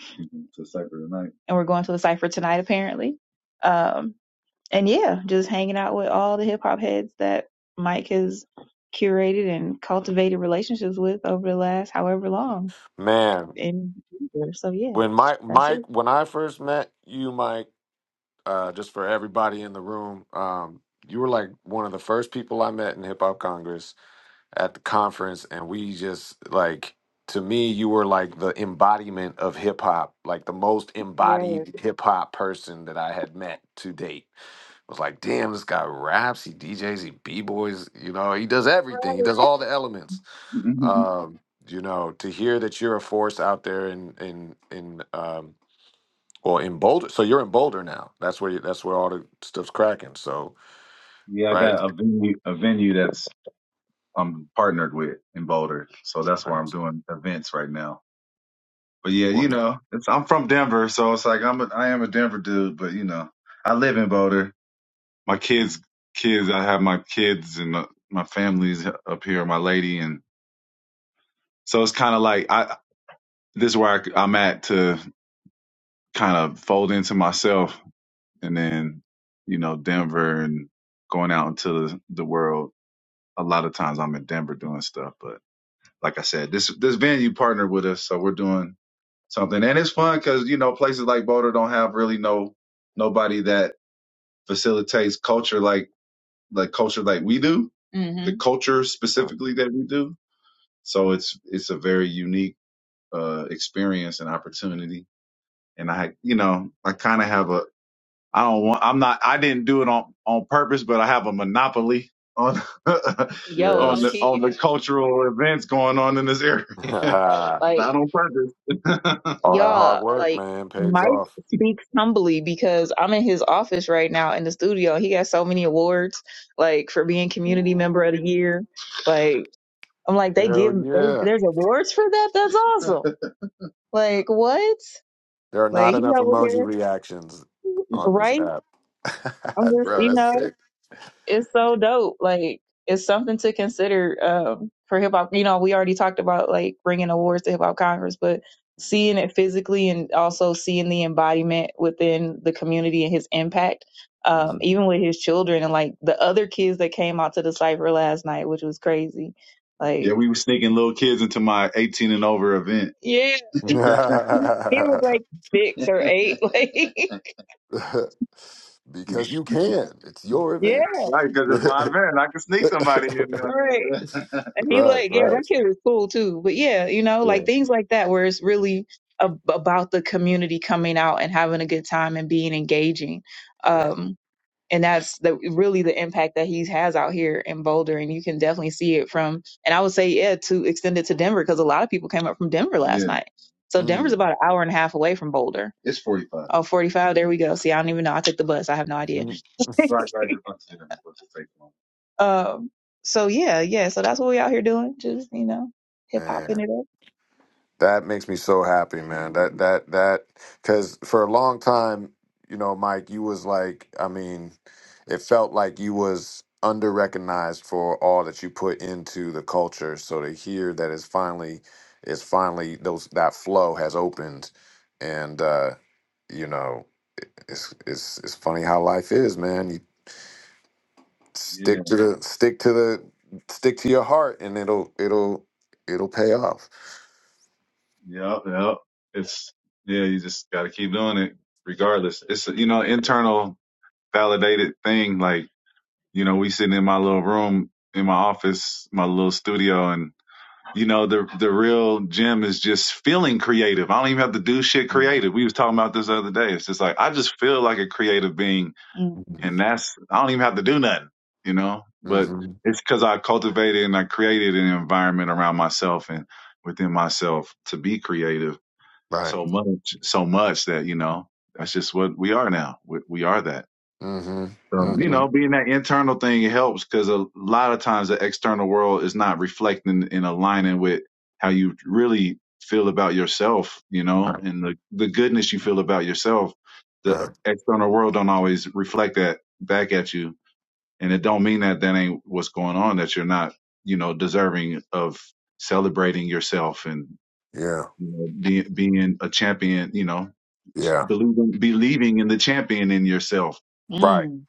Speaker 7: to Cypher tonight. And we're going to the cipher tonight, apparently. Um, and yeah, just hanging out with all the hip hop heads that Mike has curated and cultivated relationships with over the last however long.
Speaker 1: Man,
Speaker 7: And so yeah,
Speaker 1: when Mike
Speaker 7: that's it.
Speaker 1: Mike when I first met you, Mike, uh, just for everybody in the room, um, you were like one of the first people I met in Hip Hop Congress at the conference and we just like to me you were like the embodiment of hip hop like the most
Speaker 7: Yeah.
Speaker 1: embodied hip hop person that I had met to date I was like damn this guy raps he DJs he b-boys you know he does everything he does all the elements
Speaker 7: Mhm.
Speaker 1: um you know to hear that you're a force out there in in in um well in Boulder so you're in Boulder now that's where you, that's where all the stuff's cracking so
Speaker 7: yeah, I
Speaker 1: right
Speaker 7: got a venue, a venue that's I'm partnered with in Boulder, so that's where I'm
Speaker 1: nice
Speaker 7: doing events right now. But yeah, you
Speaker 1: well
Speaker 7: know, it's, I'm from Denver, so it's like I'm a, I am a Denver dude, but you know, I live in Boulder. My kids, kids, I have my kids and uh, my family's up here, my lady, and So it's kind of like I this is where I, am at to kind of fold into myself, and then you know Denver and going out into the, the world. A lot of times I'm in Denver doing stuff, but like I said, this this venue partnered with us, so we're doing something, and it's fun because you know places like Boulder don't have really no nobody that facilitates culture like like culture like we do, hmm the Mm-hmm. culture
Speaker 1: uh,
Speaker 7: specifically that we do. So it's it's a very unique uh, experience and opportunity and I, you know, I kind of have a, I don't want, I'm not, I didn't do it on on purpose, but I have a monopoly on Yo, on low the
Speaker 1: yes
Speaker 7: on key, the cultural events going on in this area. like not on purpose.
Speaker 1: All that hard
Speaker 7: y'all,
Speaker 1: work,
Speaker 7: like
Speaker 1: man, pays
Speaker 7: Mike
Speaker 1: off.
Speaker 7: speaks humbly because I'm in his office right now in the studio. He got so many awards, like for being community member of the year. Like I'm like, they
Speaker 1: Hell
Speaker 7: give there-
Speaker 1: yeah.
Speaker 7: there's awards for that. That's awesome. Like what?
Speaker 1: There are not
Speaker 7: Like he's
Speaker 1: enough
Speaker 7: over
Speaker 1: emoji
Speaker 7: here,
Speaker 1: reactions on this
Speaker 7: right?
Speaker 1: app.
Speaker 7: I'm just,
Speaker 1: Bro,
Speaker 7: you
Speaker 1: that's
Speaker 7: know,
Speaker 1: sick.
Speaker 7: it's so dope. Like, it's something to consider um, for hip hop. You know, we already talked about like bringing awards to Hip Hop Congress, but seeing it physically and also seeing the embodiment within the community and his impact, um,
Speaker 1: Mhm.
Speaker 7: even with his children and like the other kids that came out to the cipher last night, which was crazy. Like, Yeah, Like, we were sneaking little kids into my 18 and over event. yeah, he was
Speaker 1: Mm.
Speaker 7: like six or eight.
Speaker 1: because you
Speaker 7: Like,
Speaker 1: can. It's your
Speaker 7: Yeah,
Speaker 1: event.
Speaker 7: Right, because it's my
Speaker 1: right,
Speaker 7: event. I can sneak somebody in right. there. And he's like, yeah, that
Speaker 1: right.
Speaker 7: kid is cool too. But yeah, you know, like
Speaker 1: Yeah,
Speaker 7: things like that where it's really ab- about the community coming out and having a good time and being engaging.
Speaker 1: yeah.
Speaker 7: Um, and that's the really the impact that he has out here in Boulder, and you can definitely see it from. And I would say, yeah, to extend it to Denver because a lot of people came up from Denver last yeah, night. So Denver's
Speaker 1: Mm.
Speaker 7: about an hour and a half away from Boulder. it's 45. Oh, 45. there we go. See, I don't even know. I took the bus. I have no idea.
Speaker 1: Mhm.
Speaker 7: Right, right. That's what saying. That's what it's taking on. Um, so yeah, yeah. So that's what we out here doing. Just, you know, hip hopping
Speaker 1: Man.
Speaker 7: it up.
Speaker 1: That makes me so happy, man. That that that because for a long time, you know, Mike, you was like, I mean, it felt like you was under recognized for all that you put into the culture. So to hear that it's finally, it's finally those that flow has opened, and uh, you know, it- it's it's it's funny how life is, man. You
Speaker 7: Yeah,
Speaker 1: stick to the stick to the stick to your heart, and it'll it'll it'll pay off.
Speaker 7: yep, yep. It's yeah, you just got to keep doing it regardless. It's a, you know internal validated thing. Like you know, we sitting in my little room in my office, my little studio, and. You know, the the real gem is just feeling creative. I don't even have to do shit creative. We was talking about this the other day. It's just like I just feel like a creative being Mm. and that's I don't even have to do nothing, you know. But
Speaker 1: Mm-hmm.
Speaker 7: it's because I cultivated and I created an environment around myself and within myself to be creative
Speaker 1: Right.
Speaker 7: so much, so much that you know that's just what we are now. We, we are that.
Speaker 1: Mm-hmm.
Speaker 7: Um, you
Speaker 1: Mm-hmm.
Speaker 7: know, being that internal thing helps because a lot of times the external world is not reflecting and aligning with how you really feel about yourself, you know, and the, the goodness you feel about yourself. The uh,
Speaker 1: Right.
Speaker 7: external world don't always reflect that back at you. And it don't mean that that ain't what's going on, that you're not, you know, deserving of celebrating yourself and
Speaker 1: Yeah.
Speaker 7: you know, being, being a champion, you know,
Speaker 1: Yeah.
Speaker 7: believing, believing in the champion in yourself,
Speaker 1: Right.
Speaker 7: Mm,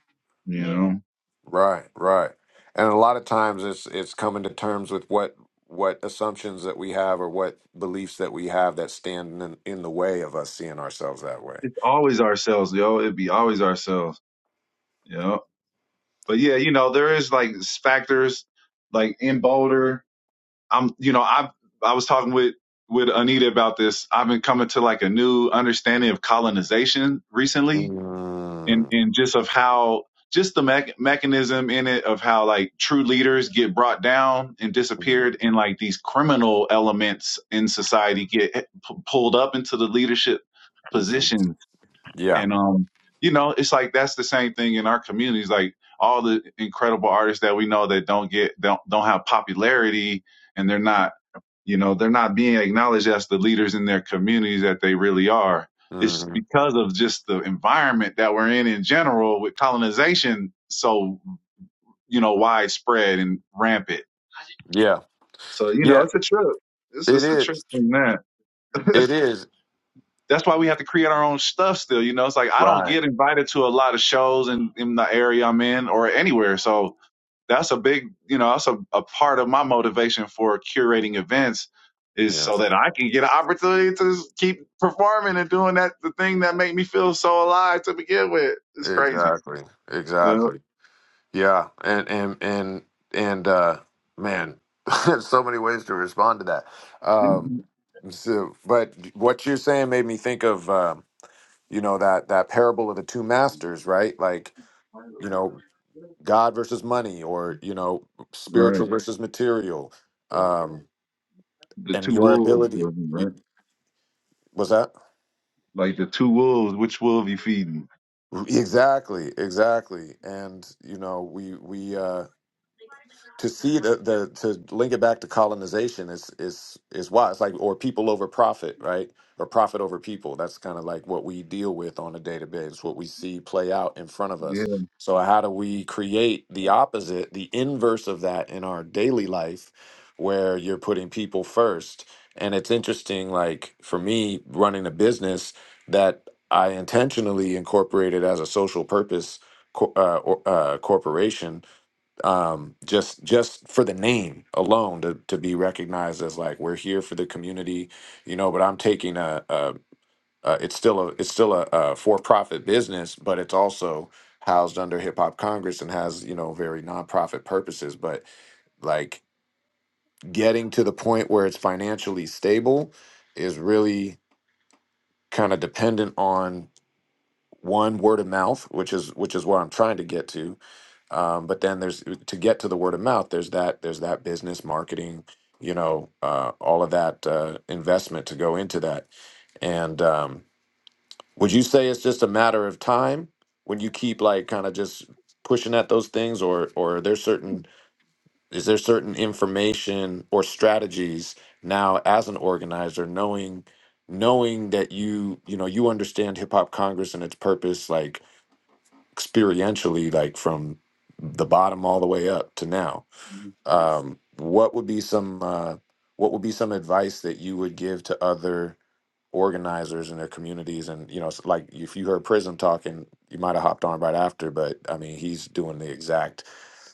Speaker 7: you yeah. know?
Speaker 1: Right. Right. And a lot of times it's it's coming to terms with what what assumptions that we have or what beliefs that we have that stand in, in the way of us seeing ourselves that way.
Speaker 7: it's always ourselves, yo. It'd be always ourselves, you know. But yeah, you know, there is like factors like in Boulder. I'm, you know, I I was talking with with Anita about this. I've been coming to like a new understanding of colonization recently, and
Speaker 1: Mm-hmm.
Speaker 7: and just of how just the mech mechanism in it of how like true leaders get brought down and disappeared, and like these criminal elements in society get p- pulled up into the leadership
Speaker 1: Mm-hmm.
Speaker 7: position
Speaker 1: Yeah.
Speaker 7: and um, you know, it's like that's the same thing in our communities. Like all the incredible artists that we know that don't get don't don't have popularity and they're not, you know, they're not being acknowledged as the leaders in their communities that they really are. It's
Speaker 1: Mm-hmm.
Speaker 7: because of just the environment that we're in in general with colonization so, you know, widespread and rampant.
Speaker 1: Yeah.
Speaker 7: So, you know,
Speaker 1: Yeah.
Speaker 7: it's a trip. It's
Speaker 1: It
Speaker 7: just a trip
Speaker 1: is.
Speaker 7: from that.
Speaker 1: It is.
Speaker 7: that's why we have to create our own stuff still. You know, it's like I don't
Speaker 1: Right.
Speaker 7: get invited to a lot of shows in, in the area I'm in or anywhere. So that's a big, you know, that's a, a part of my motivation for curating events is
Speaker 1: Yeah.
Speaker 7: so that I can get an opportunity to s- keep performing and doing that, the thing that make me feel so alive to begin with. It's crazy.
Speaker 1: Exactly.
Speaker 7: Uh,
Speaker 1: Exactly. Yeah, and and and and uh, man, there's so many ways to respond to that. Um, so, but what you're saying made me think of um, you know that that parable of the two masters, right? Like you know, God versus money, or you know,
Speaker 7: right.
Speaker 1: spiritual versus material, um,
Speaker 7: The
Speaker 1: and
Speaker 7: two
Speaker 1: your
Speaker 7: wolves,
Speaker 1: ability
Speaker 7: right?
Speaker 1: was that
Speaker 7: Like the two wolves, which wolf you feeding?
Speaker 1: exactly, exactly. And you know, we we uh, to see the, the to link it back to colonization is is is why it's like or people over profit right or profit over people that's kind of like what we deal with on a day to day it's what we see play out in front of
Speaker 7: Yeah.
Speaker 1: us so how do we create the opposite the inverse of that in our daily life where you're putting people first and it's interesting like for me running a business that i intentionally incorporated as a social purpose co- uh, or- uh, corporation um just just for the name alone to to be recognized as like we're here for the community you know but i'm taking a, a, a it's still a it's still a, a for-profit business but it's also housed under hip hop congress and has you know very nonprofit purposes but like getting to the point where it's financially stable is really kind of dependent on one word of mouth which is which is what i'm trying to get to um, but then there's to get to the word of mouth there's that there's that business marketing you know uh, all of that uh, investment to go into that and um, would you say it's just a matter of time when you keep like kind of just pushing at those things or or are there certain is there certain information or strategies now as an organizer knowing knowing that you you know you understand hip hop congress and its purpose like experientially like from the bottom all the way up to now um what would be some uh what would be some advice that you would give to other organizers in their communities and you know it's like if you heard prism talking you might have hopped on right after but i mean he's doing the exact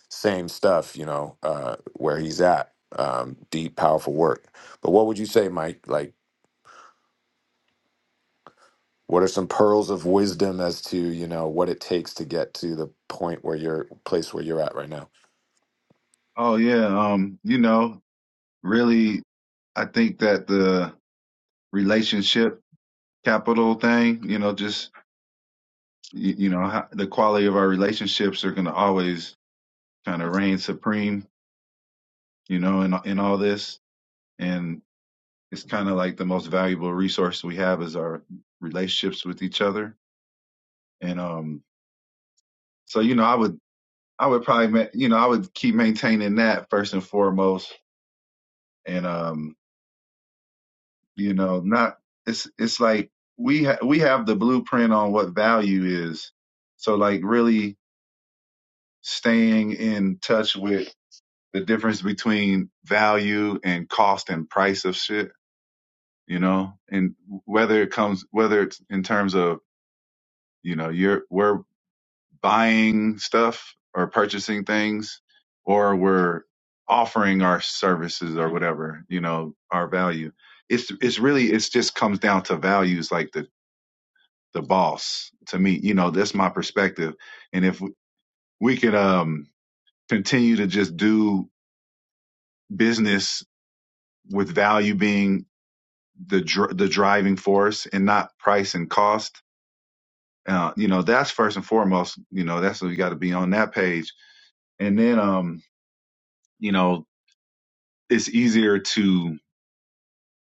Speaker 1: same stuff you know uh where he's at um deep powerful work but what would you say mike like what are some pearls of wisdom as to you know what it takes to get to the point where you're place where you're at right now
Speaker 7: Oh yeah. Um, you know, really i think that the relationship capital thing you know just you, you know how, the quality of our relationships are going to always kind of reign supreme you know in in all this and it's kind of like the most valuable resource we have is our relationships with each other and um so you know i would i would probably ma- you know i would keep maintaining that first and foremost and um you know not it's it's like we ha- we have the blueprint on what value is so like really staying in touch with the difference between value and cost and price of shit you know and whether it comes whether it's in terms of you know you're we're buying stuff or purchasing things or we're offering our services or whatever you know our value it's it's really it's just comes down to values like the the boss to me you know that's my perspective and if we can um continue to just do business with value being the dr- the driving force and not price and cost uh you know that's first and foremost you know that's what you got to be on that page and then um you know it's easier to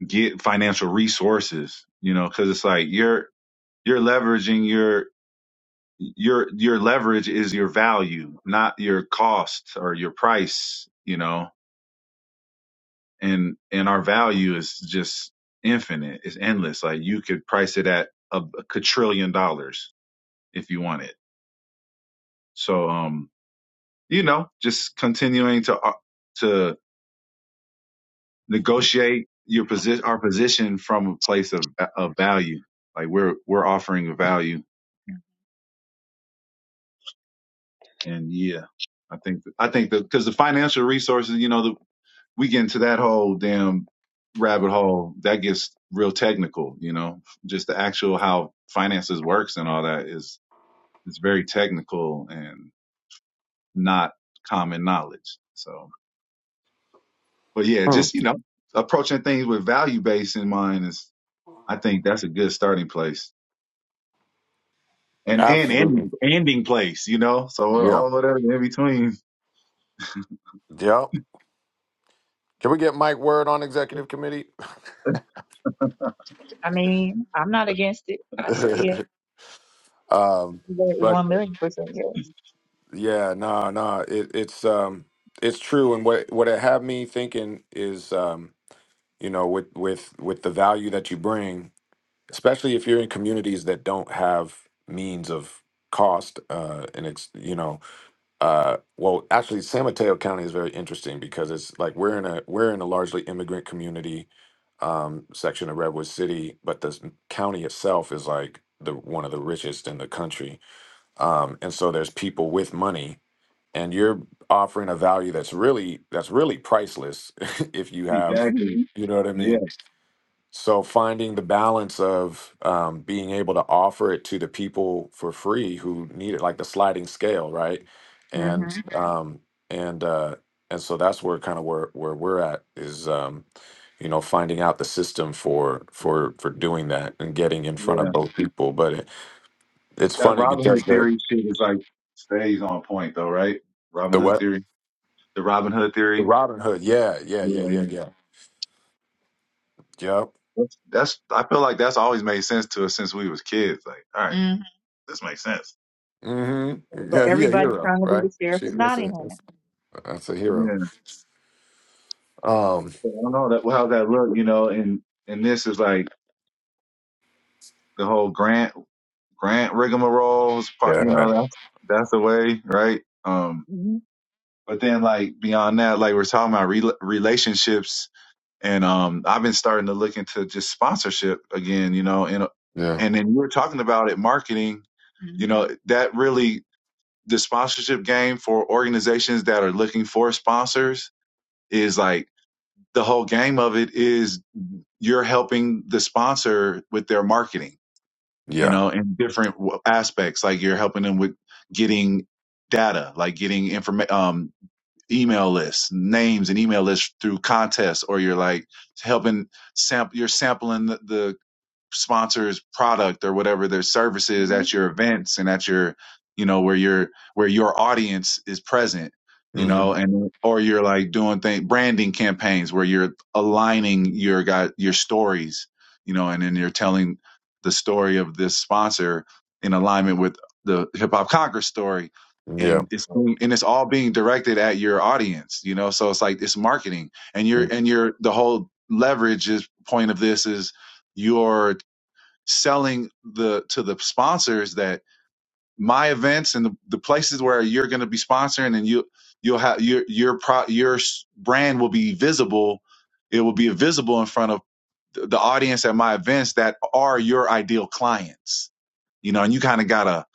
Speaker 7: get financial resources you know cuz it's like you're you're leveraging your your your leverage is your value, not your cost or your price, you know. And and our value is just infinite. It's endless. Like you could price it at a, a quadrillion dollars if you want it. So um, you know, just continuing to uh, to negotiate your position our position from a place of of value. Like we're we're offering a value and yeah. I think I think that because the financial resources, you know, we get into that whole damn rabbit hole that gets real technical you know just the actual how finances works and all that is is very technical and not common knowledge so but yeah
Speaker 1: Mm,
Speaker 7: just you know approaching things with value base in mind is i think that's a good starting place and and ending,
Speaker 1: absolutely.
Speaker 7: ending place you know so Mm.
Speaker 1: Yeah.
Speaker 7: all whatever in between
Speaker 1: Yep. Can we get Mike Word on executive committee?
Speaker 7: I mean, I'm not against it. I say yeah,
Speaker 1: um, but
Speaker 7: one million percent yeah.
Speaker 1: yeah, no, no, it, it's um, it's true. And what what it had me thinking is, um, you know, with with with the value that you bring, especially if you're in communities that don't have means of cost uh, and it's you know Uh, well, actually, San Mateo County is very interesting because it's like we're in a we're in a largely immigrant community um, section of Redwood City, but the s- county itself is like the one of the richest in the country, um, and so there's people with money, and you're offering a value that's really that's really priceless if you have,
Speaker 7: Exactly. hmm
Speaker 1: you know what I
Speaker 7: Yeah.
Speaker 1: mean so finding the balance of um, being able to offer it to the people for free who need it, like the sliding scale, right? And
Speaker 7: hmm
Speaker 1: Mhm. um, and uh, and so that's where kind of where where we're at is um, you know finding out the system for for for doing that and getting in front
Speaker 7: Yeah.
Speaker 1: of both people. But it, it's
Speaker 7: That
Speaker 1: funny
Speaker 7: Robin
Speaker 1: because
Speaker 7: Hood
Speaker 1: the
Speaker 7: theory shit is like stays on point though, right? Robin
Speaker 1: the
Speaker 7: Hood
Speaker 1: what
Speaker 7: theory. The Robin Hood
Speaker 1: the
Speaker 7: theory.
Speaker 1: Robin Hood, yeah, yeah, yeah,
Speaker 7: Yeah,
Speaker 1: yeah,
Speaker 7: yeah.
Speaker 1: yeah, yep.
Speaker 7: That's, that's I feel like that's always made sense to us since we was kids. Like, all right, hmm this makes sense.
Speaker 1: Mm-hmm.
Speaker 7: But
Speaker 1: Yeah, he a
Speaker 7: everybody's
Speaker 1: hero,
Speaker 7: trying to be the
Speaker 1: right?
Speaker 7: sheriff
Speaker 1: She,
Speaker 7: of
Speaker 1: that's a
Speaker 7: Nottingham.
Speaker 1: that's, that's a hero.
Speaker 7: Yeah.
Speaker 1: Um,
Speaker 7: So I don't know that how that look, you know, and and this is like the whole grant grant rigmaroles part you know,
Speaker 1: yeah,
Speaker 7: that's that's the way, right? Um.
Speaker 2: hmm
Speaker 7: But then, like beyond that, like we're talking about rela relationships, and um, I've been starting to look into just sponsorship again, you know, and uh,
Speaker 1: yeah.
Speaker 7: and then you were talking about it, marketing, you know, that really the sponsorship game for organizations that are looking for sponsors is like the whole game of it is you're helping the sponsor with their marketing, you
Speaker 1: Yeah.
Speaker 7: know, in different w- aspects, like you're helping them with getting data, like getting information, um, email lists, names and email lists through contests, or you're like helping sample, you're sampling the, the sponsor's product or whatever their services at your events and at your you know where your where your audience is present you
Speaker 1: hmm
Speaker 7: know and or you're like doing thing branding campaigns where you're aligning your got your stories you know and then you're telling the story of this sponsor in alignment with the hip hop congress story
Speaker 1: Yeah.
Speaker 7: and it's and it's all being directed at your audience you know so it's like it's marketing and you're
Speaker 1: Mm.
Speaker 7: and you're the whole leverage is point of this is your selling the to the sponsors that my events and the, the places where you're going to be sponsoring and you you'll have your your pro, your s- brand will be visible it will be visible in front of th- the audience at my events that are your ideal clients you know and you kind of got to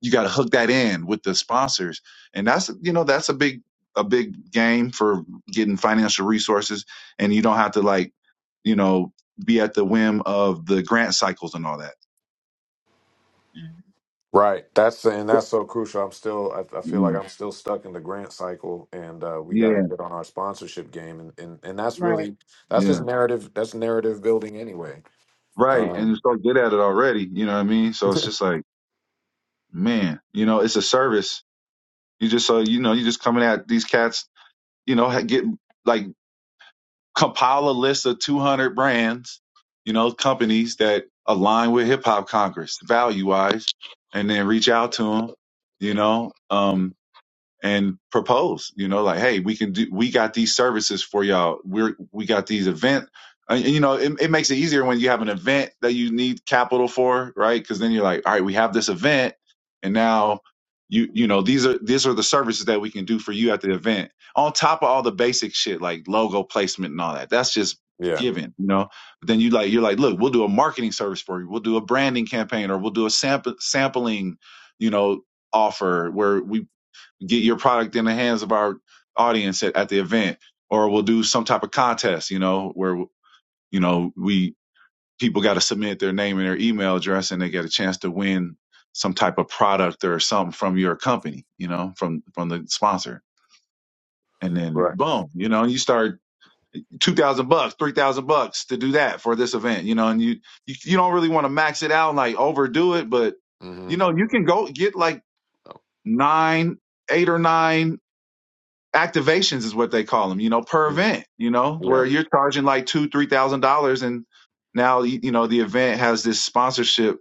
Speaker 7: you got to hook that in with the sponsors and that's you know that's a big a big game for getting financial resources and you don't have to like you know be at the whim of the grant cycles and all that
Speaker 1: Right. That's and that's so crucial. I'm still. I, I feel like
Speaker 7: Yeah.
Speaker 1: I'm still stuck in the grant cycle, and uh, we got
Speaker 7: Yeah.
Speaker 1: to get on our sponsorship game. And, and and that's
Speaker 7: Right.
Speaker 1: really that's just
Speaker 7: Yeah.
Speaker 1: narrative. That's narrative building anyway.
Speaker 7: Right. And you
Speaker 1: Um.
Speaker 7: so good at it already. You know what I mean? So it's just like, man, you know, it's a service. You just, so, you know, you just coming at these cats, you know, ha- get like compile a list of 200 brands, you know, companies that align with hip hop Congress value wise, and then reach out to them, you know. Um, and propose you know like hey we can do we got these services for y'all we're we got these event uh, and, you know it, it makes it easier when you have an event that you need capital for right because then you're like all right we have this event and now you you know these are these are the services that we can do for you at the event on top of all the basic shit like logo placement and all that that's just
Speaker 1: Yeah.
Speaker 7: given you know but then you like you're like look we'll do a marketing service for you we'll do a branding campaign or we'll do a sample sampling you know offer where we get your product in the hands of our audience at, at the event or we'll do some type of contest you know where you know we people got to submit their name and their email address and they get a chance to win some type of product or something from your company you know from from the sponsor and then
Speaker 1: Right.
Speaker 7: boom you know you start 2000 bucks 3000 bucks to do that for this event you know and you you, you don't really want to max it out and like overdo it but you
Speaker 1: Mm-hmm.
Speaker 7: know you can go get like nine eight or nine activations is what they call them you know per
Speaker 1: Mhm.
Speaker 7: event you know where
Speaker 1: Yeah.
Speaker 7: you're charging like two three thousand dollars and now you you know the event has this sponsorship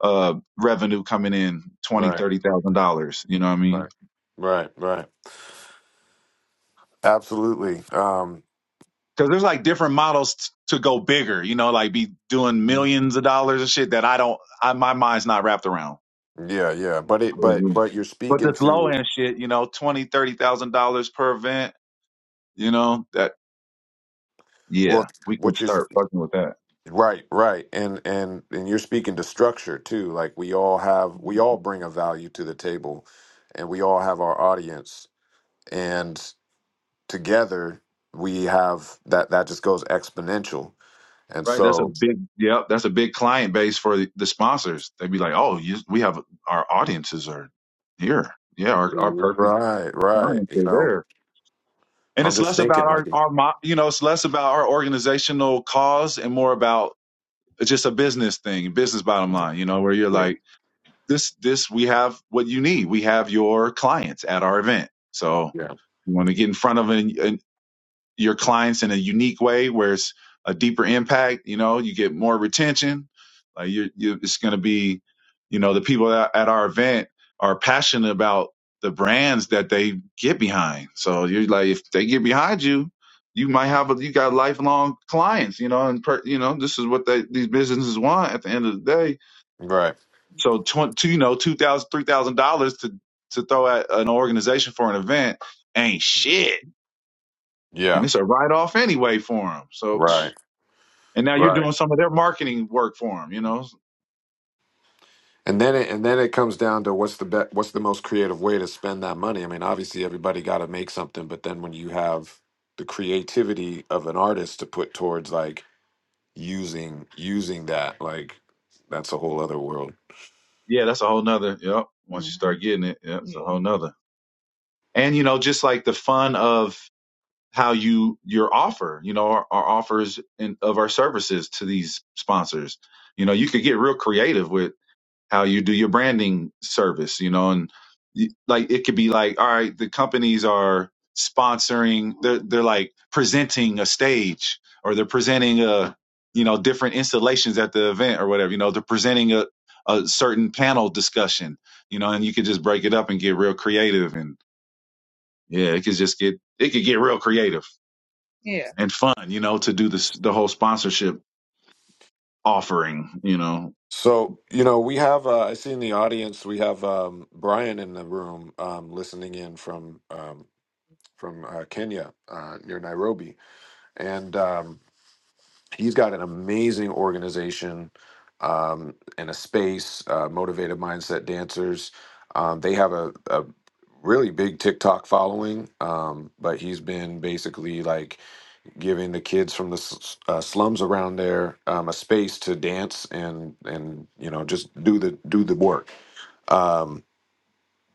Speaker 7: uh revenue coming in twenty
Speaker 1: Right.
Speaker 7: thirty thousand dollars you know what i mean
Speaker 1: Right. Right. Right. Absolutely. Um.
Speaker 7: because there's like different models t- to go bigger you know like be doing
Speaker 1: Mhm.
Speaker 7: millions of dollars of shit that i don't I, my mind's not wrapped around
Speaker 1: Yeah. Yeah. But it.
Speaker 7: Yeah,
Speaker 1: But
Speaker 7: yeah.
Speaker 1: but you're
Speaker 7: but
Speaker 1: speaking
Speaker 7: this low
Speaker 1: to
Speaker 7: end shit you know twenty thirty thousand dollars per event you know that
Speaker 1: well.
Speaker 7: yeah we could
Speaker 1: What you're
Speaker 7: start fucking with
Speaker 1: Right, right. And and and you're speaking to structure too. Like we all have we
Speaker 7: that
Speaker 1: all bring a value to the table and we all have our audience and together we have that that just goes exponential. And
Speaker 7: Right, that's a
Speaker 1: so
Speaker 7: big, yep, that's a big client base for the, the sponsors. They'd be like, "Oh, you, we have our audiences are here, yeah, our, our perfect
Speaker 1: right, right,
Speaker 7: clients
Speaker 1: you
Speaker 7: are
Speaker 1: know,
Speaker 7: there." And
Speaker 1: I'm
Speaker 7: it's
Speaker 1: just
Speaker 7: less
Speaker 1: thinking
Speaker 7: about our
Speaker 1: like
Speaker 7: our, mo- you know, it's less about our organizational cause and more about it's just a business thing, business bottom line. You know, where you're
Speaker 1: yeah,
Speaker 7: like, "This, this, we have what you need. We have your clients at our event, so
Speaker 1: yeah.
Speaker 7: you want to get in front of them your clients in a unique way where it's a deeper impact you know you get more retention like you're, you it's going to be you know the people that at our event are passionate about the brands that they get behind so you're like if they get behind you you might have a, you got lifelong clients you know and per, you know this is what they, these businesses want at the end of the day
Speaker 1: Right.
Speaker 7: so twenty, to, you know two thousand three thousand dollars to to throw at an organization for an event ain't shit and
Speaker 1: Yeah.
Speaker 7: it's a write off anyway for them. So,
Speaker 1: Right.
Speaker 7: and now you're
Speaker 1: Right.
Speaker 7: doing some of their marketing work for them. You know,
Speaker 1: And then it, and then it comes down to what's the be- what's the most creative way to spend that money. I mean, obviously everybody got to make something, but then when you have the creativity of an artist to put towards like using using that, like that's a whole other world.
Speaker 7: yeah, that's a whole nother. Yep. Once you hmm start getting it, yep, it's a Yeah. whole nother. And you know, just like the fun of how you your offer, you know, our, our offers and of our services to these sponsors. You know, you could get real creative with how you do your branding service, you know, and you, like it could be like, all right, the companies are sponsoring, they're they're like presenting a stage or they're presenting a you know different installations at the event or whatever, you know, they're presenting a a certain panel discussion, you know, and you could just break it up and get real creative and yeah, it could just get it could get real creative Yeah. and fun, you know, to do this the whole sponsorship offering, you know.
Speaker 1: So you know, we have uh, I see in the audience we have um, Brian in the room um, listening in from um, from uh, Kenya uh, near Nairobi, and um, he's got an amazing organization um, and a space, uh, motivated mindset dancers. Um, they have a, a really big TikTok following, um, but he's been basically like giving the kids from the s- uh, slums around there um, a space to dance and and you know just do the do the work. Um,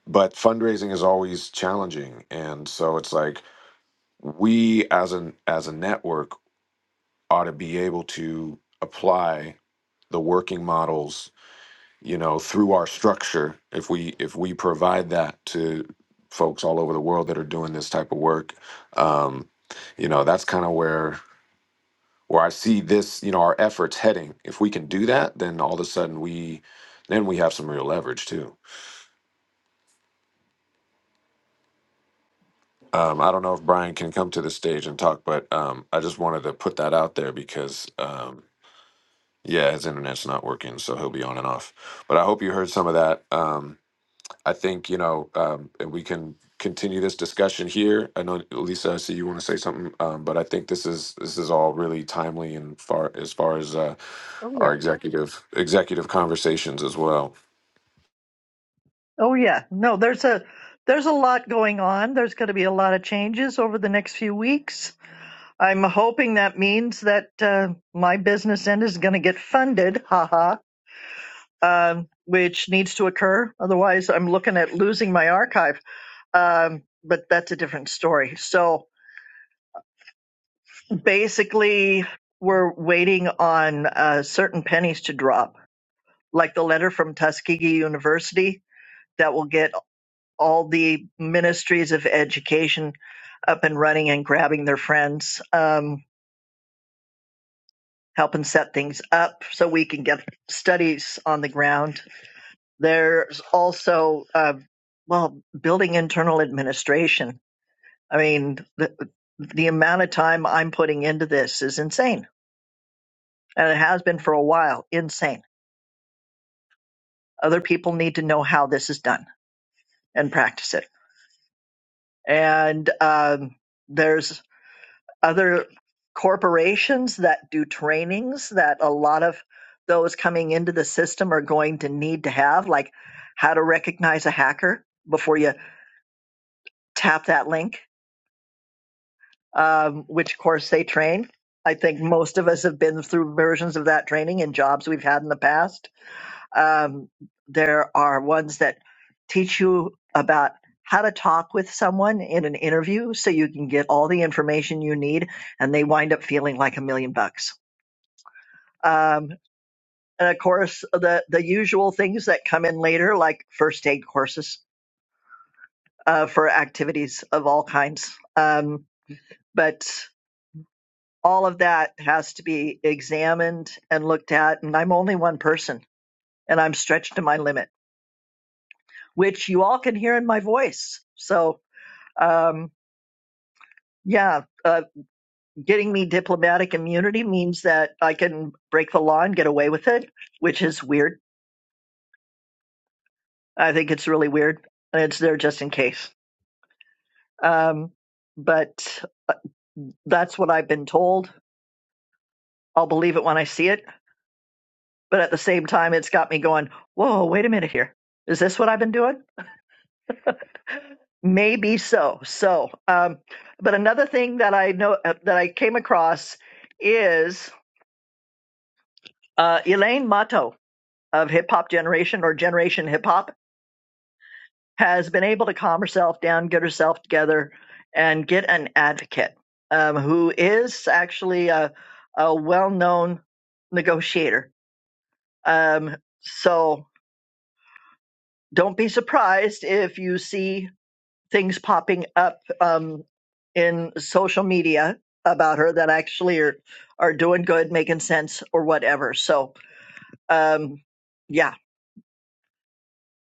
Speaker 1: but fundraising is always challenging, and so it's like we as an as a network ought to be able to apply the working models you know through our structure if we if we provide that to folks all over the world that are doing this type of work um you know that's kind of where where i see this you know our efforts heading if we can do that then all of a sudden we then we have some real leverage too um i don't know if brian can come to the stage and talk but um i just wanted to put that out there because um Yeah, his internet's not working, so he'll be on and off. But I hope you heard some of that. Um, I think, you know, um, and we can continue this discussion here. I know Lisa, I see you want to say something, um, but I think this is this is all really timely and far as far as uh, our executive executive conversations as well.
Speaker 2: Oh yeah. No, there's a there's a lot going on. There's going to be a lot of changes over the next few weeks. I'm hoping that means that uh, my business end is going to get funded, haha, um, which needs to occur. Otherwise, I'm looking at losing my archive. Um, but that's a different story. So basically, we're waiting on uh, certain pennies to drop, like the letter from Tuskegee University that will get all the ministries of education up and running and grabbing their friends, um, helping set things up so we can get studies on the ground. There's also, uh, well, building internal administration. I mean, the, the amount of time I'm putting into this is insane, and it has been for a while. Insane. Other people need to know how this is done and practice it. And um, there's other corporations that do trainings that a lot of those coming into the system are going to need to have, like how to recognize a hacker before you tap that link, um, which course they train. I think most of us have been through versions of that training in jobs we've had in the past. Um, there are ones that teach you about how to talk with someone in an interview so you can get all the information you need and they wind up feeling like a million bucks um, and of course the the usual things that come in later like first aid courses uh, for activities of all kinds um, but all of that has to be examined and looked at and i'm only one person and i'm stretched to my limit which you all can hear in my voice so um, yeah uh, getting me diplomatic immunity means that i can break the law and get away with it which is weird i think it's really weird and it's there just in case Um, but uh, that's what I've been told. I'll believe it when I see it. But at the same time, it's got me going, whoa, wait a minute here. Is this what I've been doing? Maybe so. So, um, but another thing that I know uh, that I came across is uh, Elaine Mato of Hip Hop Generation or Generation Hip Hop has been able to calm herself down, get herself together, and get an advocate um, who is actually a, a well known negotiator Um, so don't be surprised if you see things popping up um, in social media about her that actually are are doing good, making sense, or whatever. So um, yeah,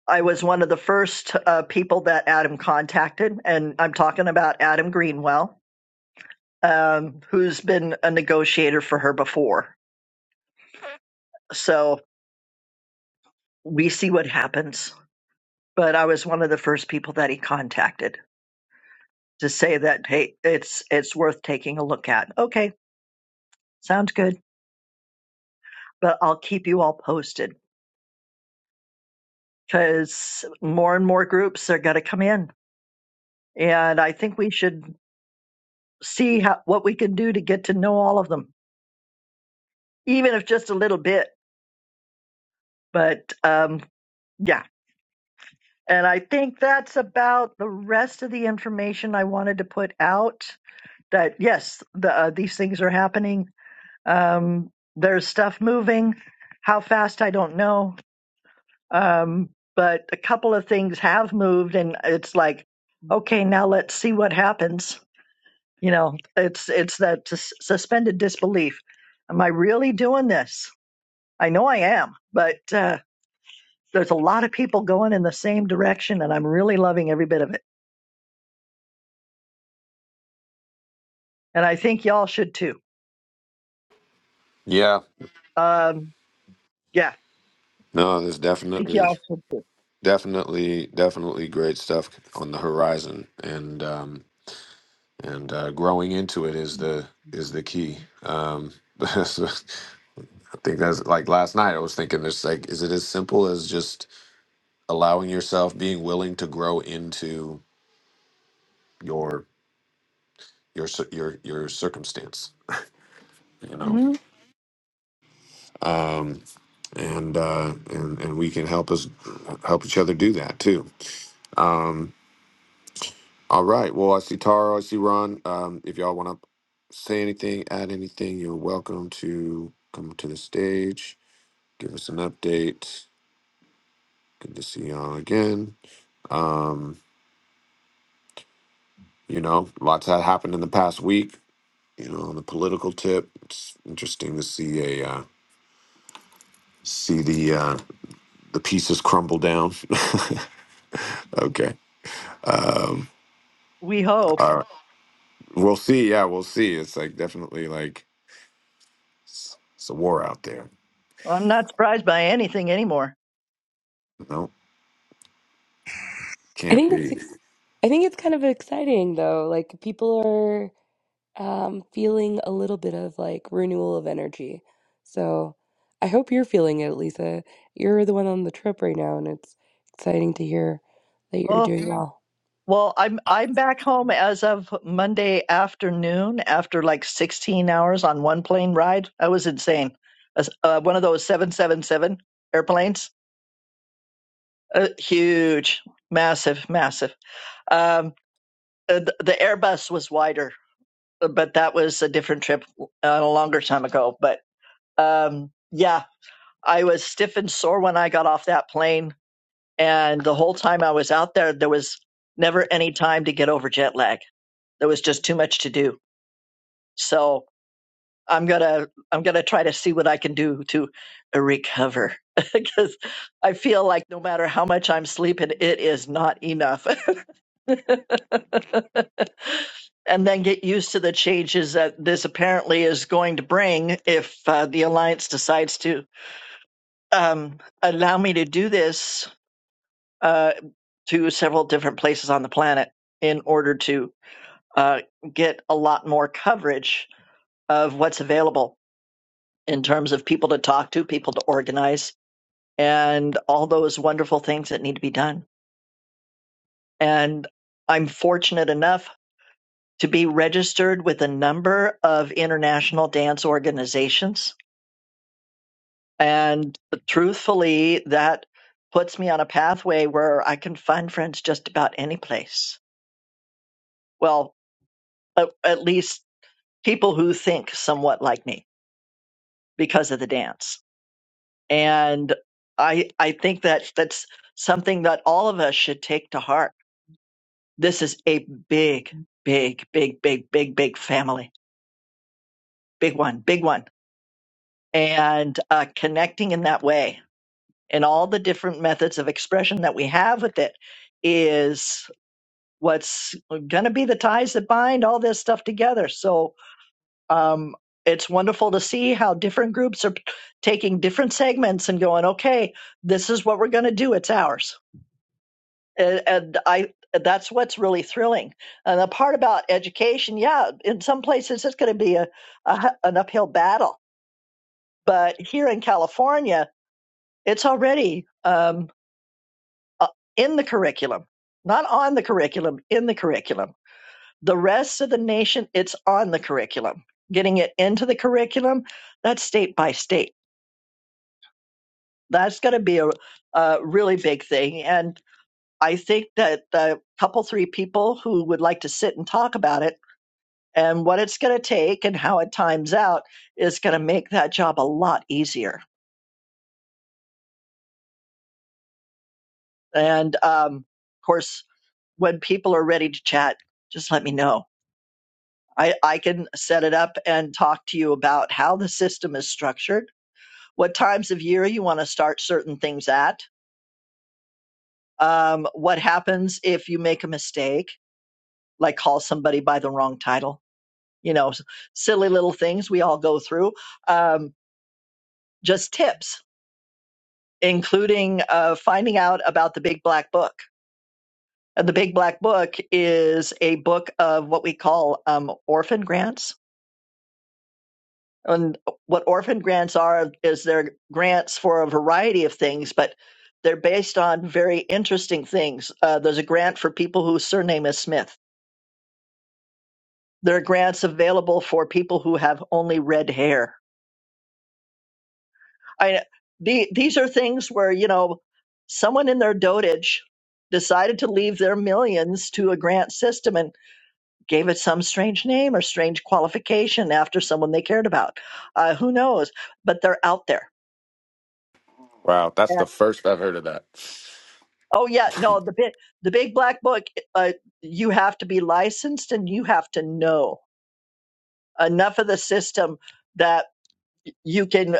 Speaker 2: I was one of the first uh, people that Adam contacted, and I'm talking about Adam Greenwell, um, who's been a negotiator for her before. So we see what happens. But I was one of the first people that he contacted. to say that hey, it's it's worth taking a look at. Okay, sounds good. But I'll keep you all posted because more and more groups are going to come in, and I think we should see how, what we can do to get to know all of them, even if just a little bit. But um, yeah, and I think that's about the rest of the information I wanted to put out. That yes, the, uh, these things are happening. Um, there's stuff moving. How fast I don't know Um, but a couple of things have moved, and it's like, okay, now let's see what happens. You know, it's it's that sus- suspended disbelief. Am I really doing this? I know I am, but uh, there's a lot of people going in the same direction, and I'm really loving every bit of it. And I think y'all should too.
Speaker 1: Yeah,
Speaker 2: Um, yeah, I
Speaker 1: no, there's
Speaker 2: think
Speaker 1: definitely
Speaker 2: y'all should too.
Speaker 1: definitely definitely great stuff on the horizon, and um, and uh, growing into it is the is the key. Um, think that's like last night I was thinking this like is it as simple as just allowing yourself being willing to grow into your your cir- your your circumstance you know
Speaker 2: Mhm.
Speaker 1: um and uh and and we can help us help each other do that too um all right well I see Tara I see Ron um if y'all want to say anything add anything you're welcome to come to the stage give us an update good to see y'all again um You know, lots that happened in the past week. You know, on the political tip, it's interesting to see a uh, see the uh, the pieces crumble down. okay, um,
Speaker 2: We hope.
Speaker 1: all right. we'll see. Yeah, we'll see. It's like definitely like it's, it's a war out there.
Speaker 2: I'm not surprised by anything anymore.
Speaker 1: No,
Speaker 8: I
Speaker 1: can't
Speaker 8: think it's
Speaker 1: be.
Speaker 8: ex- I think it's kind of exciting though. Like people are um, feeling a little bit of like renewal of energy. So I hope you're feeling it, Lisa. You're the one on the trip right now, and it's exciting to hear that
Speaker 2: Oh.
Speaker 8: you're doing well.
Speaker 2: Well, I'm I'm back home as of Monday afternoon after like 16 hours on one plane ride. I was insane. As- Uh, one of those 777 airplanes, uh, huge, massive, massive. Um, uh, the, the Airbus was wider, uh, but that was a different trip uh, a longer time ago. But um, yeah, I was stiff and sore when I got off that plane, and the whole time I was out there, there was never any time to get over jet lag. There was just too much to do So I'm gonna I'm gonna try to see what I can do to recover because I feel like no matter how much I'm sleeping, it is not enough. and then get used to the changes that this apparently is going to bring if uh, the alliance decides to um, allow me to do this uh, to several different places on the planet in order to uh, get a lot more coverage of what's available in terms of people to talk to, people to organize, and all those wonderful things that need to be done. And I'm fortunate enough to be registered with a number of international dance organizations. And truthfully, that puts me on a pathway where I can find friends just about any place. Well, at, at least people who think somewhat like me because of the dance and i i think that that's something that all of us should take to heart this is a big big big big big big family big one big one and uh, connecting in that way and all the different methods of expression that we have with it is what's going to be the ties that bind all this stuff together so um, it's wonderful to see how different groups are taking different segments and going okay this is what we're going to do it's ours and, and I that's what's really thrilling. And the part about education, yeah, in some places it's going to be a a an uphill battle, but here in California, it's already um, uh, in the curriculum, not on the curriculum, in the curriculum. The rest of the nation, it's on the curriculum. Getting it into the curriculum, that's state by state. That's going to be a, a really big thing, and I think that a couple, three people who would like to sit and talk about it and what it's going to take and how it times out is going to make that job a lot easier. And um, of course, when people are ready to chat, just let me know. I, I can set it up and talk to you about how the system is structured, what times of year you want to start certain things at, um, what happens if you make a mistake, like call somebody by the wrong title, you know, silly little things we all go through. Um, just tips including uh, finding out about the Big Black Book. And the Big Black Book is a book of what we call um, orphan grants. And what orphan grants are is they're grants for a variety of things, but they're based on very interesting things. Uh, there's a grant for people whose surname is Smith. There are grants available for people who have only red hair. I, the, these are things where, you know, someone in their dotage decided to leave their millions to a grant system and. gave it some strange name or strange qualification after someone they cared about. Uh, who knows? But they're out there.
Speaker 1: Wow, that's
Speaker 2: Yeah.
Speaker 1: the first I've heard of that.
Speaker 2: Oh yeah, no, the big the big black book. Uh, you have to be licensed and you have to know enough of the system that you can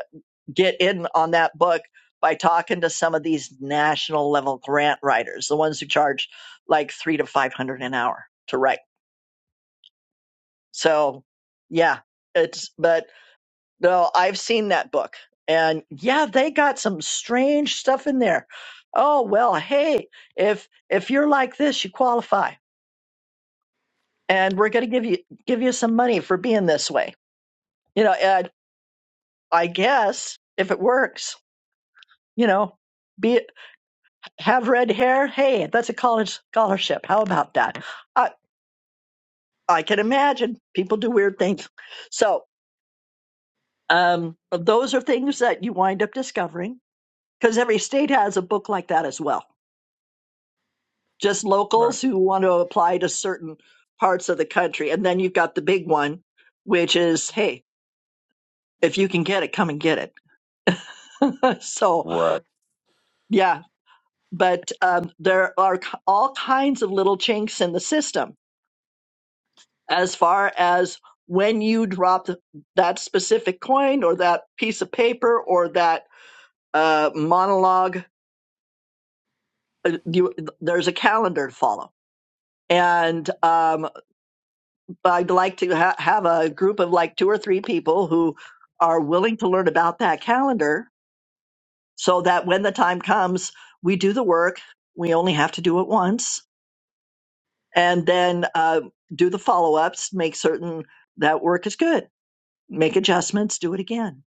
Speaker 2: get in on that book by talking to some of these national level grant writers, the ones who charge like three to five hundred an hour to write. So yeah, it's but No, I've seen that book. And yeah, they got some strange stuff in there. Oh, well, hey, if if you're like this, you qualify. And we're going to give you give you some money for being this way. You know, and I guess if it works, you know, be have red hair, hey, that's a college scholarship. How about that? I I can imagine people do weird things. So, um those are things that you wind up discovering because every state has a book like that as well just
Speaker 1: right,
Speaker 2: locals who want to apply to certain parts of the country. And then you've got the big one, which is, hey, if you can get it, come and get it. so,
Speaker 1: right.
Speaker 2: yeah, but um, there are k- all kinds of little chinks in the system as far as when you drop th- that specific coin or that piece of paper or that uh, monologue, uh, you, there's a calendar to follow. And um, I'd like to ha- have a group of like two or three people who are willing to learn about that calendar so that when the time comes, we do the work. We only have to do it once and then uh, do the follow ups, make certain that work is good, make adjustments, do it again.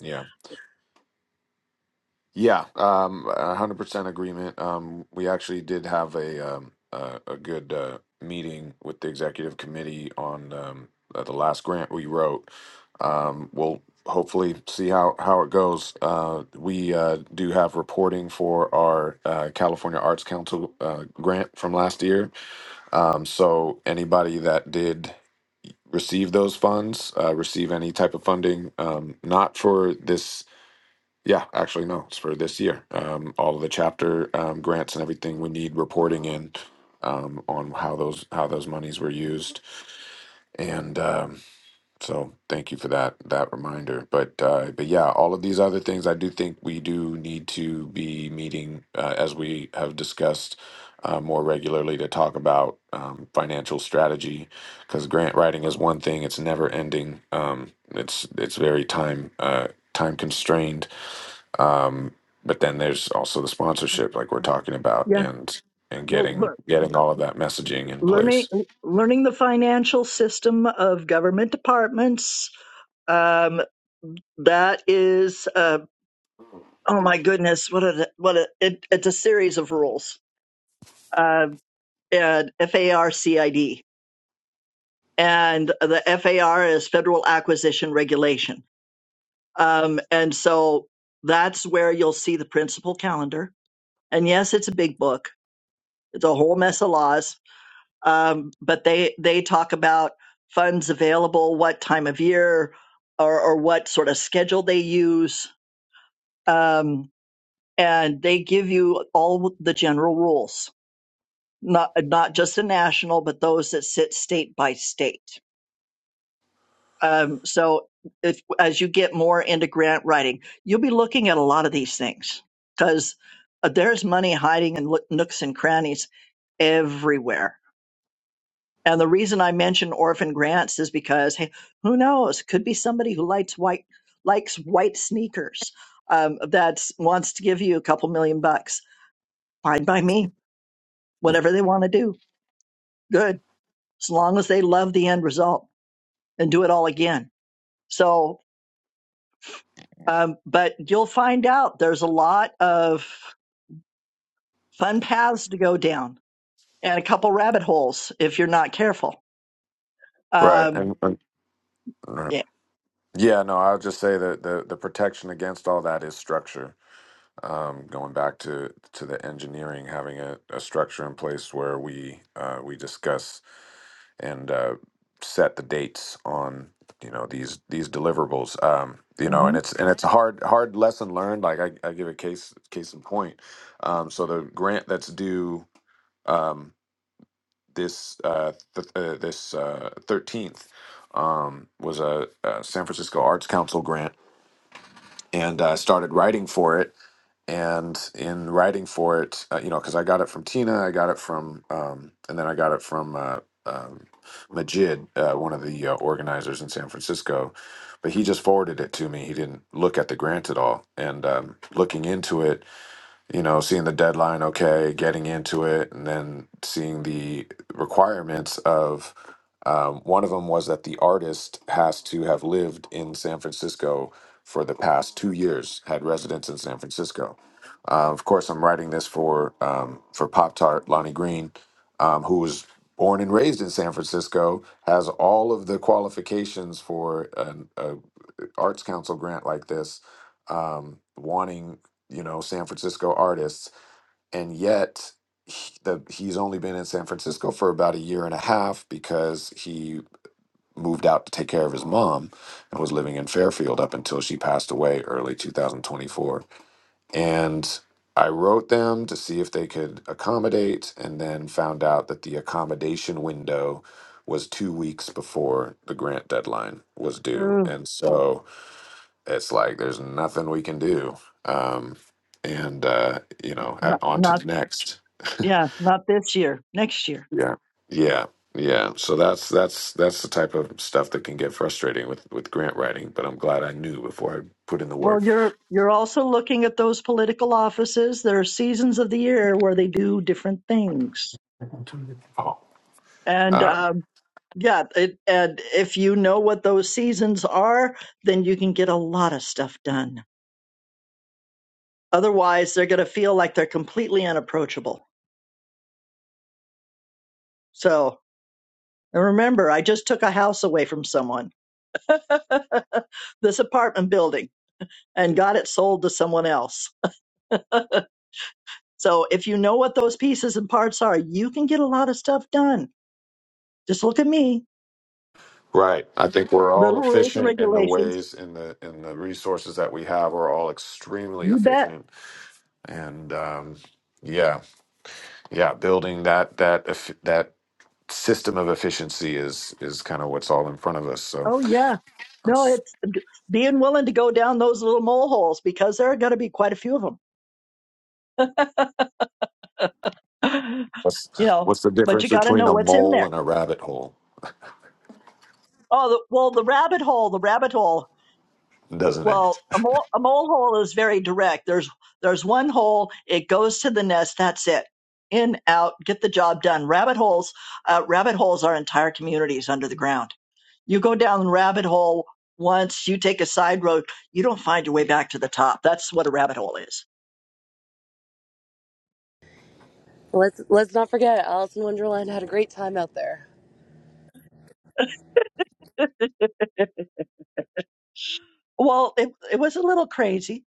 Speaker 1: yeah. Yeah, um, 100% agreement. Um, we actually did have a um, a, a good uh, meeting with the executive committee on um, uh, the last grant we wrote. Um, we'll hopefully see how how it goes. Uh, we uh, do have reporting for our uh, California Arts Council uh, grant from last year. Um, so anybody that did receive those funds, uh, receive any type of funding, um, not for this yeah, actually, no, it's for this year. Um, all of the chapter um, grants and everything we need reporting in um, on how those how those monies were used, and um, so thank you for that that reminder. But uh, but yeah, all of these other things, I do think we do need to be meeting uh, as we have discussed uh, more regularly to talk about um, financial strategy because grant writing is one thing; it's never ending. Um, it's it's very time uh, time constrained um, but then there's also the sponsorship like we're talking about
Speaker 2: Yeah.
Speaker 1: and and
Speaker 2: Well, lear-
Speaker 1: getting getting all of that messaging in
Speaker 2: learning
Speaker 1: place
Speaker 2: learning the financial system of government departments um that is uh oh my goodness what a what a it, it's a series of rules uh and FARCID and the FAR is federal acquisition regulation um and so that's where you'll see the principal calendar and yes it's a big book it's a whole mess of laws um, but they they talk about funds available, what time of year, or, or what sort of schedule they use, um, and they give you all the general rules, not not just the national, but those that sit state by state. Um, so if as you get more into grant writing, you'll be looking at a lot of these things because there's money hiding in lo- nooks and crannies everywhere And the reason I mention orphan grants is because hey, who knows? Could be somebody who likes white likes white sneakers um, that wants to give you a couple million bucks. Fine by me. Whatever they want to do, good. As long as they love the end result and do it all again. So, um, but you'll find out there's a lot of fun paths to go down and a couple rabbit holes if you're not careful.
Speaker 1: right
Speaker 2: Um,
Speaker 1: and, and right.
Speaker 2: yeah.
Speaker 1: yeah no i'll just say that the the protection against all that is structure um, going back to to the engineering having a, a structure in place where we uh, we discuss and uh, set the dates on you know these these deliverables. Um, you know, and it's and it's a hard hard lesson learned. Like I, I give a case case in point. Um, so the grant that's due um, this uh, th- uh, this uh, thirteenth um, was a, a San Francisco Arts Council grant, and I started writing for it and in writing for it, uh, you know, because I got it from Tina, I got it from, um, and then I got it from uh, um, Majid, uh, one of the uh, organizers in San Francisco, but he just forwarded it to me. He didn't look at the grant at all. And um, looking into it, you know, seeing the deadline, okay, getting into it, and then seeing the requirements of um, one of them was that the artist has to have lived in San Francisco for the past two years, had residence in San Francisco. Uh, of course, I'm writing this for um, for Pop Tart Lonnie Green, um, who was born and raised in San Francisco, has all of the qualifications for an, a arts council grant like this um wanting you know san francisco artists and yet he, the, he's only been in san francisco for about a year and a half because he moved out to take care of his mom and was living in fairfield up until she passed away early 2024 and i wrote them to see if they could accommodate and then found out that the accommodation window was two weeks before the grant deadline was due
Speaker 2: Mm-hmm.
Speaker 1: and so it's like there's nothing we can do. Um, and uh, you know, at, on to
Speaker 2: Not.
Speaker 1: the next.
Speaker 2: Yeah, not this year, next year.
Speaker 1: yeah, yeah, yeah. So that's that's that's the type of stuff that can get frustrating with with grant writing. But I'm glad I knew before I put in the
Speaker 2: Well,
Speaker 1: work.
Speaker 2: you're you're also looking at those political offices. There are seasons of the year where they do different things,
Speaker 1: Oh.
Speaker 2: and
Speaker 1: Uh,
Speaker 2: um, yeah, it, and if you know what those seasons are, then you can get a lot of stuff done. Otherwise, they're going to feel like they're completely unapproachable. So, and remember, I just took a house away from someone, this apartment building, and got it sold to someone else. So if you know what those pieces and parts are, you can get a lot of stuff done. Just look at me,
Speaker 1: right. I think we're
Speaker 2: little
Speaker 1: all
Speaker 2: rules and
Speaker 1: efficient in the
Speaker 2: regulations.
Speaker 1: ways in the in the resources that we have. We're all extremely
Speaker 2: You bet.
Speaker 1: efficient, and um, yeah, yeah, building that that eff- that system of efficiency is is kind of what's all in front of us. So
Speaker 2: Oh yeah. No,
Speaker 1: that's-
Speaker 2: it's being willing to go down those little mole holes because there are going to be quite a few of them.
Speaker 1: what's
Speaker 2: you know,
Speaker 1: what's the
Speaker 2: but you
Speaker 1: difference
Speaker 2: got to
Speaker 1: between
Speaker 2: know
Speaker 1: a
Speaker 2: what's in
Speaker 1: mole
Speaker 2: there.
Speaker 1: and a rabbit hole?
Speaker 2: Oh, the, well, the rabbit hole, the rabbit hole.
Speaker 1: Doesn't
Speaker 2: Well,
Speaker 1: it?
Speaker 2: a mole, a mole hole is very direct. There's there's one hole. It goes to the nest. That's it. In out. Get the job done. Rabbit holes. Uh, rabbit holes are entire communities under the ground. You go down the rabbit hole once. You take a side road. You don't find your way back to the top. That's what a rabbit hole is.
Speaker 8: Let's let's not forget Alice in Wonderland had a great time out there.
Speaker 2: Well, it it was a little crazy,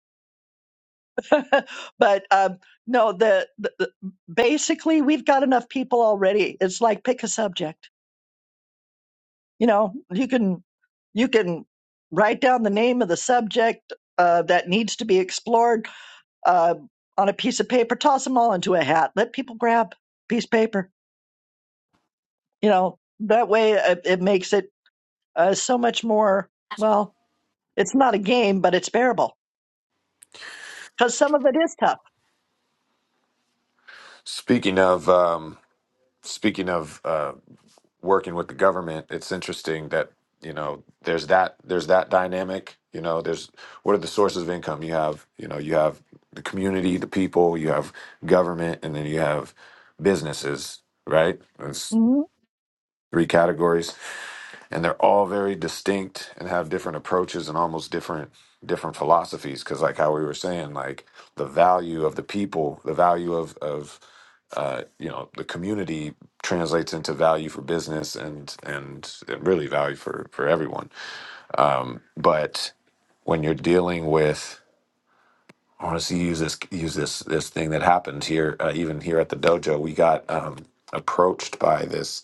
Speaker 2: but um, no. The, the, the basically we've got enough people already. It's like pick a subject. you know you can you can write down the name of the subject uh, that needs to be explored uh, on a piece of paper toss them all into a hat let people grab a piece of paper you know that way it, it makes it uh, so much more well it's not a game but it's bearable because some of it is tough
Speaker 1: Speaking of um, speaking of uh, working with the government, it's interesting that you know there's that there's that dynamic. You know, there's what are the sources of income? You have you know you have the community, the people, you have government, and then you have businesses. Right? That's
Speaker 2: hmm
Speaker 1: three categories and they're all very distinct and have different approaches and almost different different philosophies because like how we were saying like the value of the people the value of of uh, you know the community translates into value for business and and really value for for everyone but when you're dealing with I want to see use this use this this thing that happened here uh, even here at the dojo we got um, approached by this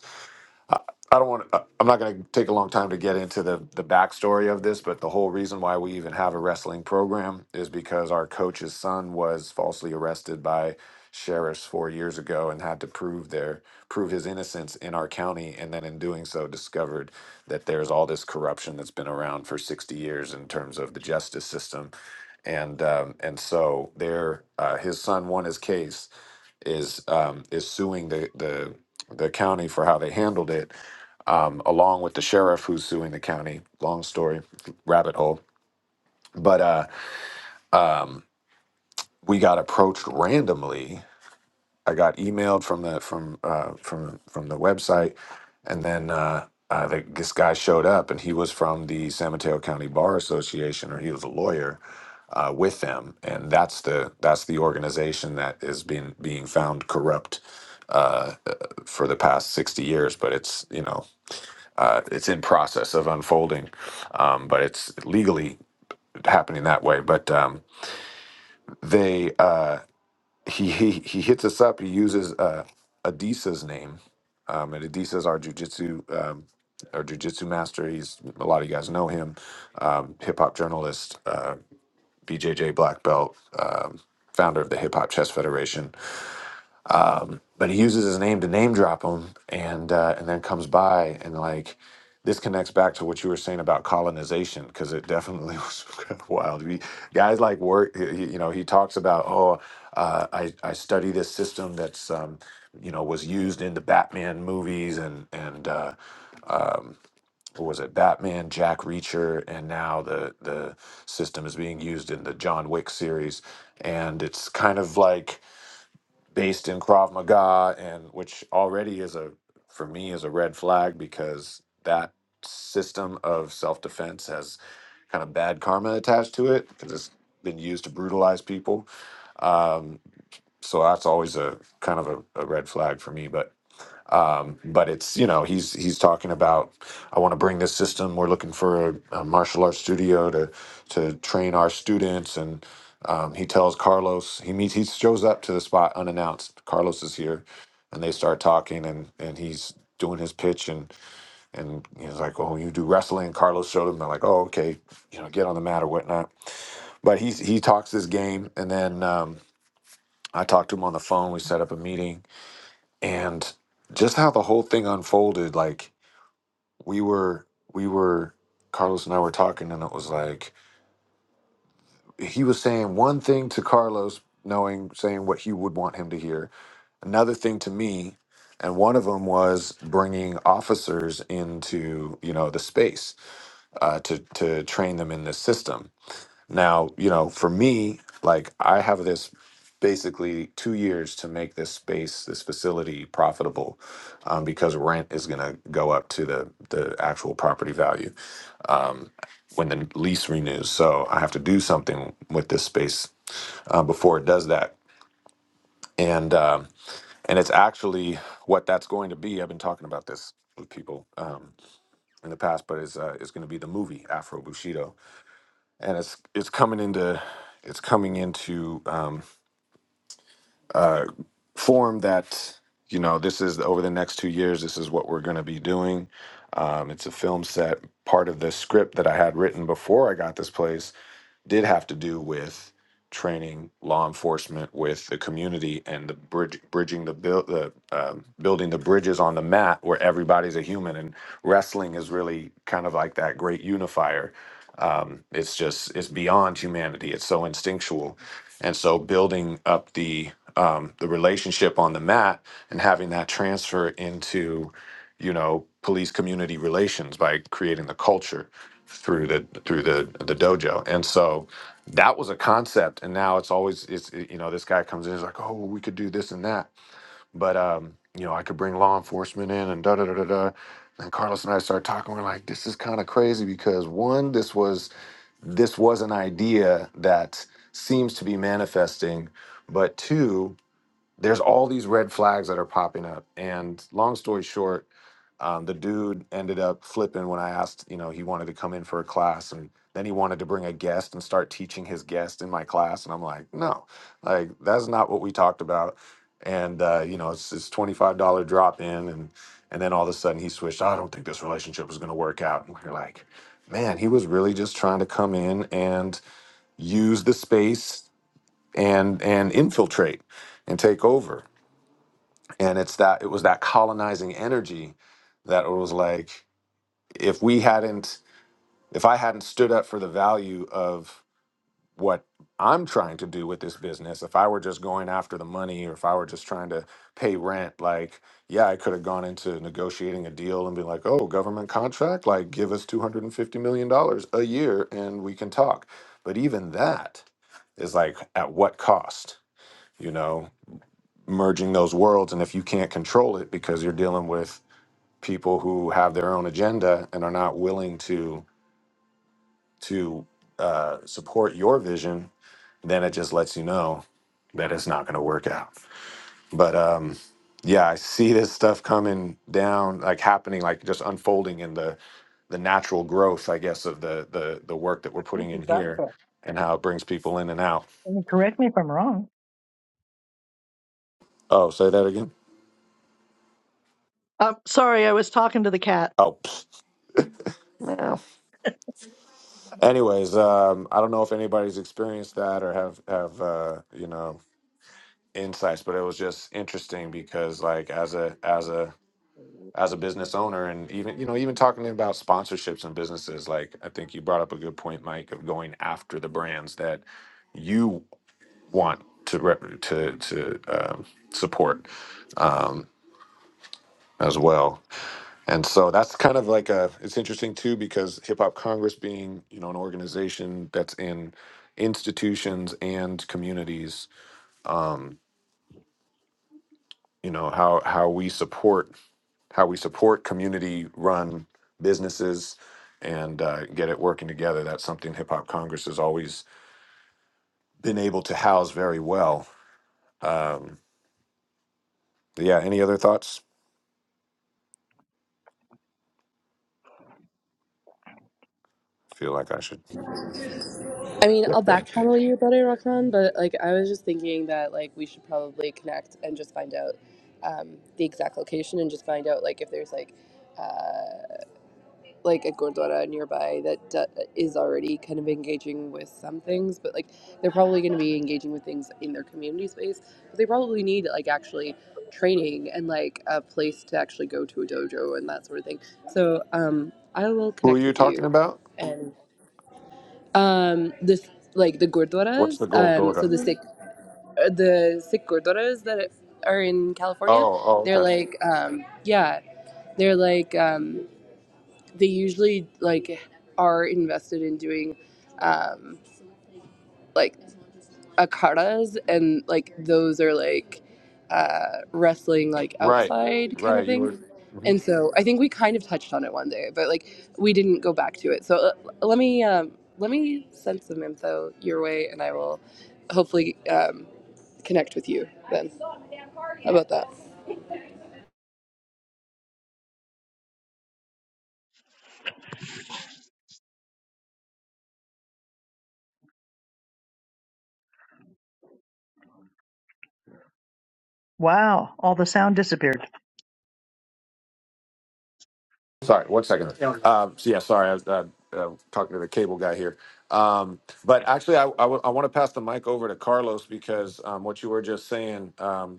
Speaker 1: I don't want. to I'm not going to take a long time to get into the the backstory of this, but the whole reason why we even have a wrestling program is because our coach's son was falsely arrested by sheriffs four years ago and had to prove their prove his innocence in our county, and then in doing so, discovered that there's all this corruption that's been around for 60 years in terms of the justice system, and um, and so there, uh, his son won his case, is um, is suing the the the county for how they handled it um, along with the sheriff who's suing the county. Long story, rabbit hole. But uh, um, we got approached randomly. I got emailed from the from uh, from from the website, and then uh, uh, the, this guy showed up, and he was from the San Mateo County Bar Association, or he was a lawyer uh, with them, and that's the that's the organization that is being being found corrupt uh, uh, for the past sixty years. But it's you know uh, it's in process of unfolding, um, but it's legally happening that way. But um, they uh, he, he he hits us up. He uses uh, Adisa's name, um, and Adisa's our jujitsu um, our jujitsu master. He's a lot of you guys know him, um, hip hop journalist, uh, BJJ black belt, um, founder of the Hip Hop Chess Federation but he uses his name to name drop him and uh, and then comes by and like this connects back to what you were saying about colonization because it definitely was kind of wild we, guys like work he, he- you know he talks about oh uh, I, I study this system that's um, you know was used in the batman movies and and uh, what was it batman jack reacher and now the the system is being used in the john wick series and it's kind of like based in Krav Maga, and which already is a for me is a red flag because that system of self defense has kind of bad karma attached to it because it's been used to brutalize people. Um, so that's always a kind of a, a red flag for me. But um, but it's you know he's he's talking about I want to bring this system. We're looking for a, a martial arts studio to to train our students, and um, he tells Carlos he meets he shows up to the spot unannounced. Carlos is here, and they start talking, and and he's doing his pitch, and and he's like, oh, you do wrestling. Carlos showed him. They're like, oh, okay, you know, get on the mat or whatnot. But he he talks this game, and then um, I talked to him on the phone. We set up a meeting and just how the whole thing unfolded like we were we were carlos and i were talking and it was like he was saying one thing to carlos knowing saying what he would want him to hear another thing to me and one of them was bringing officers into you know the space uh, to to train them in this system now, you know, for me, like I have this basically two years to make this space, this facility profitable, um, because rent is going to go up to the the actual property value um, when the lease renews. So I have to do something with this space uh, before it does that, and um, and it's actually what that's going to be. I've been talking about this with people um, in the past, but it's uh, it's going to be the movie Afro Bushido, and it's it's coming into it's coming into um, uh, form that you know this is over the next two years this is what we're going to be doing um, it's a film set part of the script that i had written before i got this place did have to do with training law enforcement with the community and the bridge, bridging the build, the um, building the bridges on the mat where everybody's a human and wrestling is really kind of like that great unifier. Um, it's just it's beyond humanity. It's so instinctual, and so building up the um, the relationship on the mat and having that transfer into you know police community relations by creating the culture through the through the the dojo and so that was a concept and now it's always it's you know this guy comes in he's like oh we could do this and that but um you know i could bring law enforcement in and da da da da da and carlos and i started talking we're like this is kind of crazy because one this was this was an idea that seems to be manifesting but two there's all these red flags that are popping up. And long story short, um, the dude ended up flipping when I asked, you know, he wanted to come in for a class and then he wanted to bring a guest and start teaching his guest in my class. And I'm like, no, like that's not what we talked about. And, uh, you know, it's this $25 drop in. And, and then all of a sudden he switched, I don't think this relationship is going to work out. And we're like, man, he was really just trying to come in and use the space and, and infiltrate and take over and it's that it was that colonizing energy that it was like if we hadn't if i hadn't stood up for the value of what i'm trying to do with this business if i were just going after the money or if i were just trying to pay rent like yeah i could have gone into negotiating a deal and be like oh government contract like give us 250 million dollars a year and we can talk but even that is like at what cost you know merging those worlds and if you can't control it because you're dealing with people who have their own agenda and are not willing to to uh, support your vision, then it just lets you know that it's not going to work out. But um, yeah, I see this stuff coming down, like happening, like just unfolding in the the natural growth, I guess, of the the the work that
Speaker 2: i
Speaker 1: we're
Speaker 2: think
Speaker 1: putting
Speaker 2: you
Speaker 1: in
Speaker 2: got
Speaker 1: here
Speaker 2: that
Speaker 1: and how it brings people in and out.
Speaker 2: Can you correct me if i'm wrong
Speaker 1: Oh, say that again.
Speaker 2: um, sorry i was talking to the cat
Speaker 1: Oh, pfft. Meow. anyways, um, I don't know if anybody's experienced that or have have uh, you know insights but it was just interesting because like as a as a as a business owner and even you know even talking about sponsorships and businesses like i think you brought up a good point mike of going after the brands that you want to rep- to to um, support um, as well and so that's kind of like a it's interesting too because hip hop congress being you know an organization that's in institutions and communities um you know how how we support how we support community run businesses and uh, get it working together. That's something Hip Hop Congress has always been able to house very well. Um, but yeah, any other thoughts? feel like I should.
Speaker 8: I mean,
Speaker 1: get
Speaker 8: I'll
Speaker 1: that.
Speaker 8: back channel you about it, Roxanne, but like I was just thinking that like we should probably connect and just find out um, the exact location and just find out like if there's like uh, like a gurdwara nearby that d- is already kind of engaging with some things, but like they're probably going to be engaging with things in their community space. But they probably need like actually training and like a place to actually go to a dojo and that sort of thing. So um, I will
Speaker 1: Who are
Speaker 8: connect
Speaker 1: you
Speaker 8: with
Speaker 1: talking
Speaker 8: you
Speaker 1: about?
Speaker 8: and um, this like the
Speaker 1: What's
Speaker 8: gurdwaras.
Speaker 1: the gold
Speaker 8: Um, so
Speaker 1: daughter?
Speaker 8: the Sikh uh, the Sikh gurdwaras that are in California,
Speaker 1: Oh, oh,
Speaker 8: they're
Speaker 1: okay.
Speaker 8: like um, yeah, they're like. Um, they usually like are invested in doing um like akaras and like those are like uh wrestling like
Speaker 1: Right,
Speaker 8: outside kind of
Speaker 1: right. You
Speaker 8: thing
Speaker 1: were. mhm.
Speaker 8: and so i think we kind of touched on it one day but like we didn't go back to it so uh, let me um let me send some info your way and i will hopefully um connect with you then about that
Speaker 2: wow all the sound disappeared
Speaker 1: Sorry, one second. Yeah. Um, so, yeah, sorry. I was uh, uh, talking to the cable guy here. Um, but actually, I, I, want to pass the mic over to Carlos because um, what you were just saying. Um,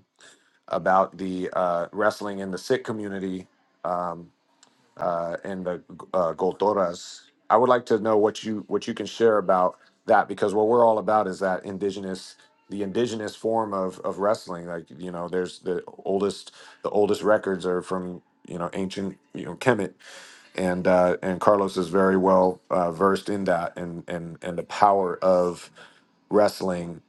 Speaker 1: about the uh, wrestling in the Sikh community uh, and the uh, Goltoras. I would like to know what you what you can share about that because what we're all about is that indigenous the indigenous form of of wrestling. Like you know, there's the oldest the oldest records are from you know ancient you know Kemet and uh, and Carlos is very well uh, versed in that and and and the power of wrestling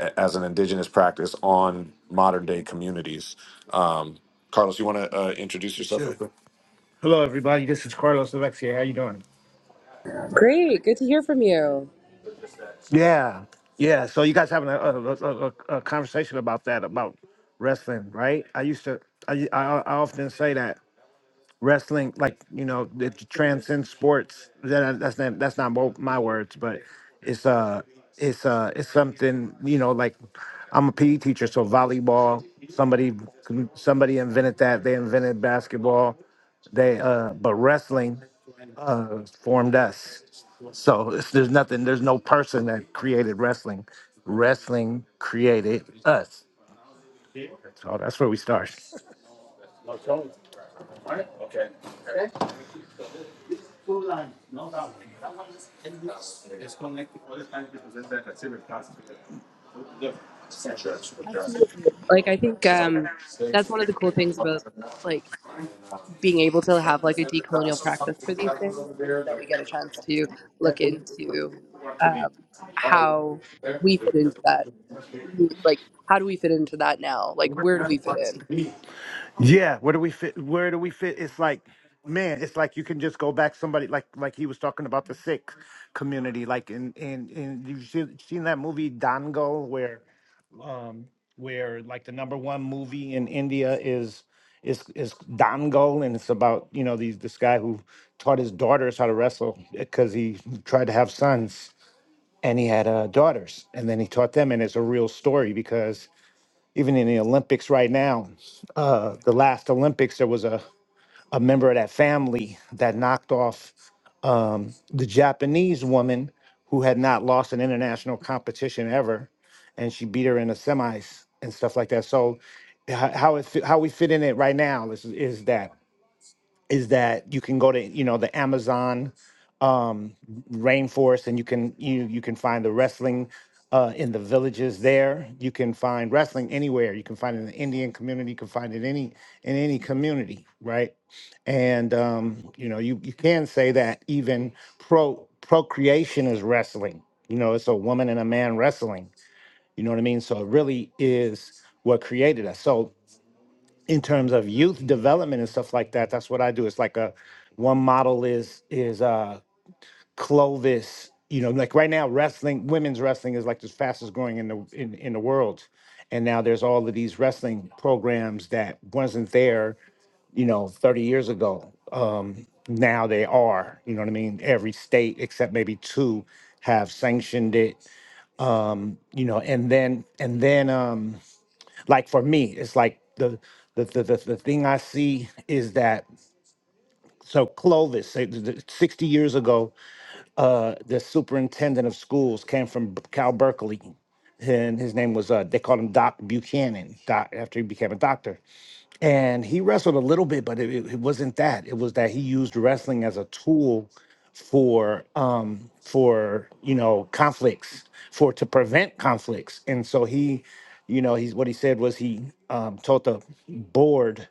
Speaker 1: a- as an indigenous practice on modern day communities. Um, Carlos, you want to uh, introduce yourself real quick? Hello, everybody. This is Carlos Alex here. How you doing?
Speaker 8: great good to hear from you
Speaker 1: Yeah, yeah. So you guys having a, a, a, a a conversation about that about wrestling, right? I used to I, I I often say that wrestling like you know it transcends sports that that's not that's not mo- my words but it's uh it's uh it's something you know like i'm a pe teacher so volleyball somebody somebody invented that they invented basketball they uh but wrestling uh formed us so it's, there's nothing there's no person that created wrestling wrestling created us so that's where we start
Speaker 8: absolutely like i think um that's one of the cool things about like being able to have like a decolonial practice for these things is that we get a chance to look into um, how we fit into that like how do we fit into that now like where do we fit in
Speaker 1: Yeah, where do we fit? Where do we fit? It's like, man, it's like you can just go back. Somebody like like he was talking about the Sikh community, like in in in you've seen, seen that movie Dangal, where um where like the number one movie in India is is is Dangal, and it's about you know these this guy who taught his daughters how to wrestle because he tried to have sons and he had uh, daughters, and then he taught them, and it's a real story because even in the Olympics right now, uh, the last Olympics, there was a, a member of that family that knocked off um, the Japanese woman who had not lost an international competition ever, and she beat her in the semis and stuff like that. So, how how, it, fit- how we fit in it right now is is that is that you can go to you know the Amazon um, rainforest, and you can you you can find the wrestling uh, in the villages there. You can find wrestling anywhere. You can find it in the Indian community. You can find it any in any community, right? And um, you know, you you can say that even pro procreation is wrestling. You know, it's a woman and a man wrestling. You know what I mean? So it really is what created us. So in terms of youth development and stuff like that, that's what I do. It's like a one model is is uh Clovis, you know, like right now, wrestling, women's wrestling is like the fastest growing in the in, in the world. And now there's all of these wrestling programs that wasn't there, you know, 30 years ago. Um, now they are, you know what I mean? Every state except maybe two have sanctioned it, you know, and then and then um like for me, it's like the the the, the, the thing I see is that so Clovis, say, the- the- 60 years ago, the superintendent of schools came from Cal Berkeley, and his name was uh, they called him Doc Buchanan. Doc after he became a doctor, and he wrestled a little bit, but it, it it wasn't that. It was that he used wrestling as a tool for um for you know conflicts for to prevent conflicts, and so he, you know, he's what he said was he um, told the board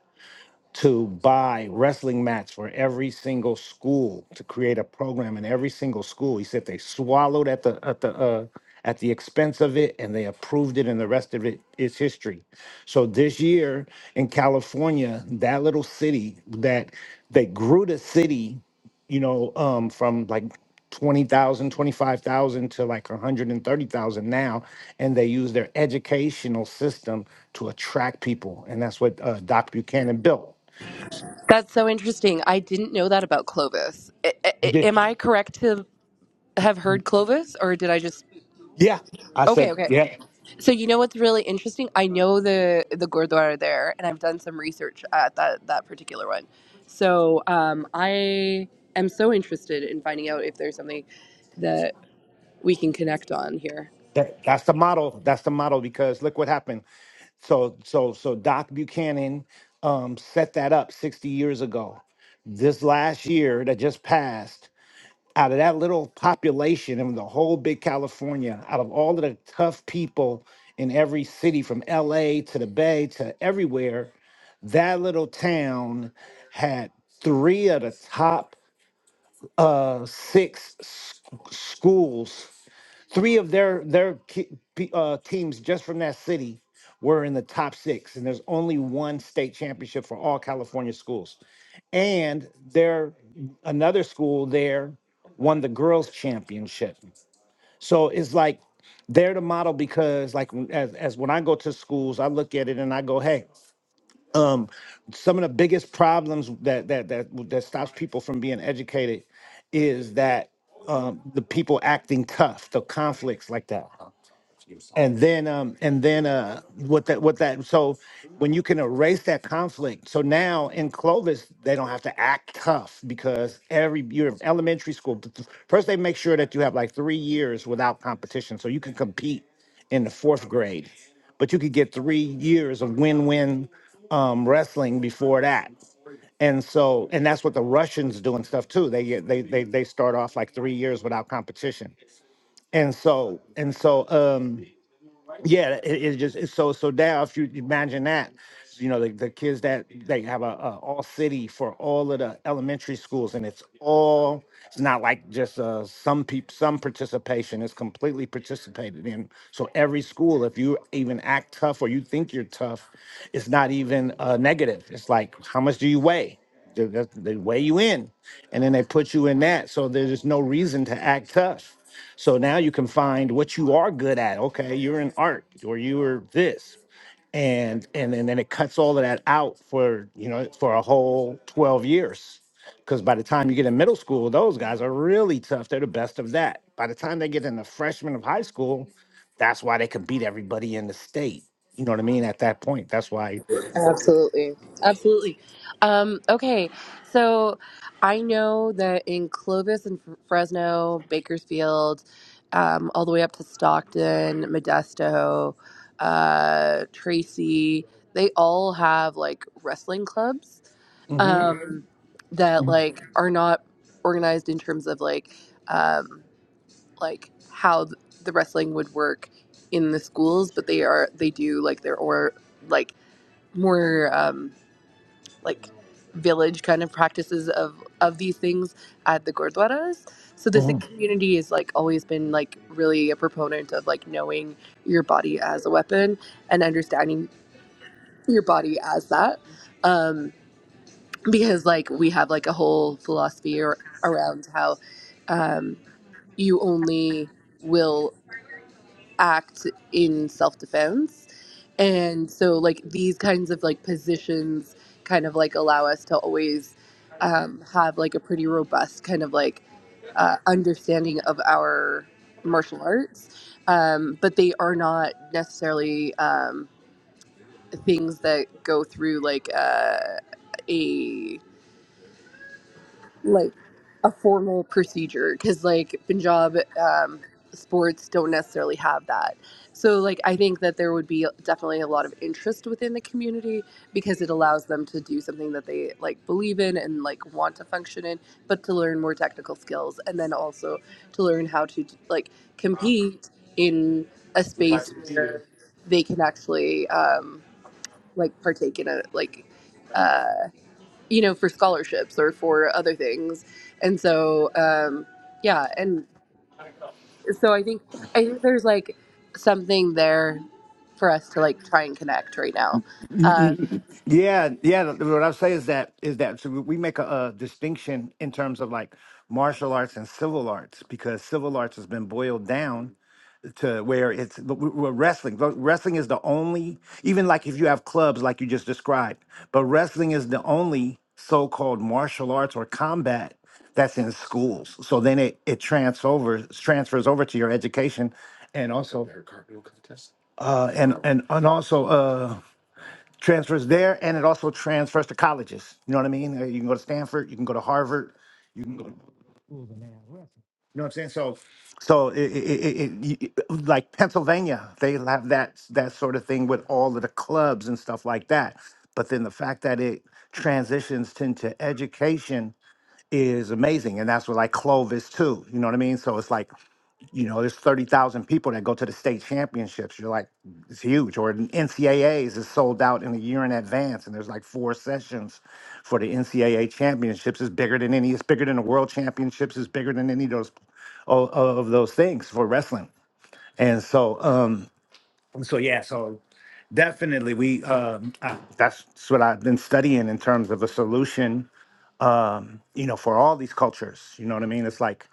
Speaker 1: to buy wrestling mats for every single school to create a program in every single school. He said they swallowed at the at the uh, at the expense of it, and they approved it, and the rest of it is history. So this year in California, that little city that they grew the city, you know, um, from like 20,000, 25,000 to like 130,000 now. And they use their educational system to attract people. And that's what uh, Doc Buchanan built.
Speaker 8: that's so interesting i didn't know that about clovis I,
Speaker 1: He
Speaker 8: I-
Speaker 1: did.
Speaker 8: am i correct to have heard clovis or did i just
Speaker 1: Yeah. I
Speaker 8: okay
Speaker 1: said,
Speaker 8: okay
Speaker 1: yeah.
Speaker 8: So you know what's really interesting? I know the the Gurdwara there, and I've done some research at that that particular one. So um, I am so interested in finding out if there's something that we can connect on here.
Speaker 1: That, that's the model. That's the model because look what happened. So so so Doc Buchanan um, set that up 60 years ago. This last year that just passed, out of that little population in the whole big California, out of all of the tough people in every city from LA to the Bay to everywhere, that little town had three of the top uh, six s- schools three of their their ki- pe- uh, teams just from that city were in the top six, and there's only one state championship for all California schools. And there, another school there won the girls championship. So it's like they're the model because, like, as as when I go to schools, I look at it and I go, hey, um, some of the biggest problems that that that that stops people from being educated is that um, the people acting tough, the conflicts like that and then um and then uh what that what that so when you can erase that conflict so now in clovis they don't have to act tough because every you're in elementary school but th- first they make sure that you have like three years without competition so you can compete in the fourth grade but you could get three years of win-win um wrestling before that and so and that's what the russians do and stuff too they get they they, they start off like three years without competition and so and so um yeah, it, it just it's so so now if you imagine that, you know, the, the kids that they have a, a all city for all of the elementary schools, and it's all it's not like just uh, some peop some participation. It's completely participated in. So every school, if you even act tough or you think you're tough, it's not even uh, negative. It's like how much do you weigh? They, that's- they weigh you in, and then they put you in that. So there's just no reason to act tough. So now you can find what you are good at. Okay, you're in art, or you were this, and and and then it cuts all of that out for you know for a whole 12 years because by the time you get in middle school those guys are really tough they're the best of that by the time they get in the freshman of high school that's why they can beat everybody in the state you know what i mean at that point that's why
Speaker 8: Absolutely. Absolutely. Um, okay. So I know that in Clovis and F- Fresno, Bakersfield, um, all the way up to Stockton, Modesto, uh, Tracy, they all have like wrestling clubs um, Mhm. that like are not organized in terms of like um, like how th- the wrestling would work in the schools, but they are they do like their or like more. Um, like village kind of practices of of these things at the gurdwaras so the sikh community has like always been like really a proponent of like knowing your body as a weapon and understanding your body as that um because like we have like a whole philosophy ar- around how um you only will act in self-defense and so like these kinds of like positions kind of like allow us to always um, have like a pretty robust kind of like uh, understanding of our martial arts um, but they are not necessarily um, things that go through like uh, a like a formal procedure because like Punjab um, sports don't necessarily have that. So like I think that there would be definitely a lot of interest within the community because it allows them to do something that they like believe in and like want to function in, but to learn more technical skills and then also to learn how to like compete in a space where they can actually um, like partake in a like uh, you know, for scholarships or for other things. And so, um, yeah, and so I think I think there's like something there for us to like try and connect right now. Um,
Speaker 1: Yeah, yeah. What I say is that is that so we make a, a distinction in terms of like martial arts and civil arts because civil arts has been boiled down to where it's but we- we're wrestling. But Wrestling is the only, even like if you have clubs like you just described, but wrestling is the only so-called martial arts or combat that's in schools. So then it it transfers transfers over to your education, and also uh, and and and also. uh, transfers there and it also transfers to colleges you know what i mean Uh, you can go to stanford you can go to harvard you know what i'm saying so so it, it, it, it, y- like pennsylvania they have that that sort of thing with all of the clubs and stuff like that but then the fact that it transitions into education is amazing and that's what like clovis too you know what i mean so it's like you know, there's 30,000 people that go to the state championships. You're like, it's huge. Or the NCAAs is sold out in a year in advance, and there's like four sessions for the NCAA championships. It's bigger than any. It's bigger than the world championships. It's bigger than any of those o- of those things for wrestling. And so, um, so yeah, so definitely we um, uh, that's what I've been studying in terms of a solution, you know, for all these cultures. You know what I mean? It's like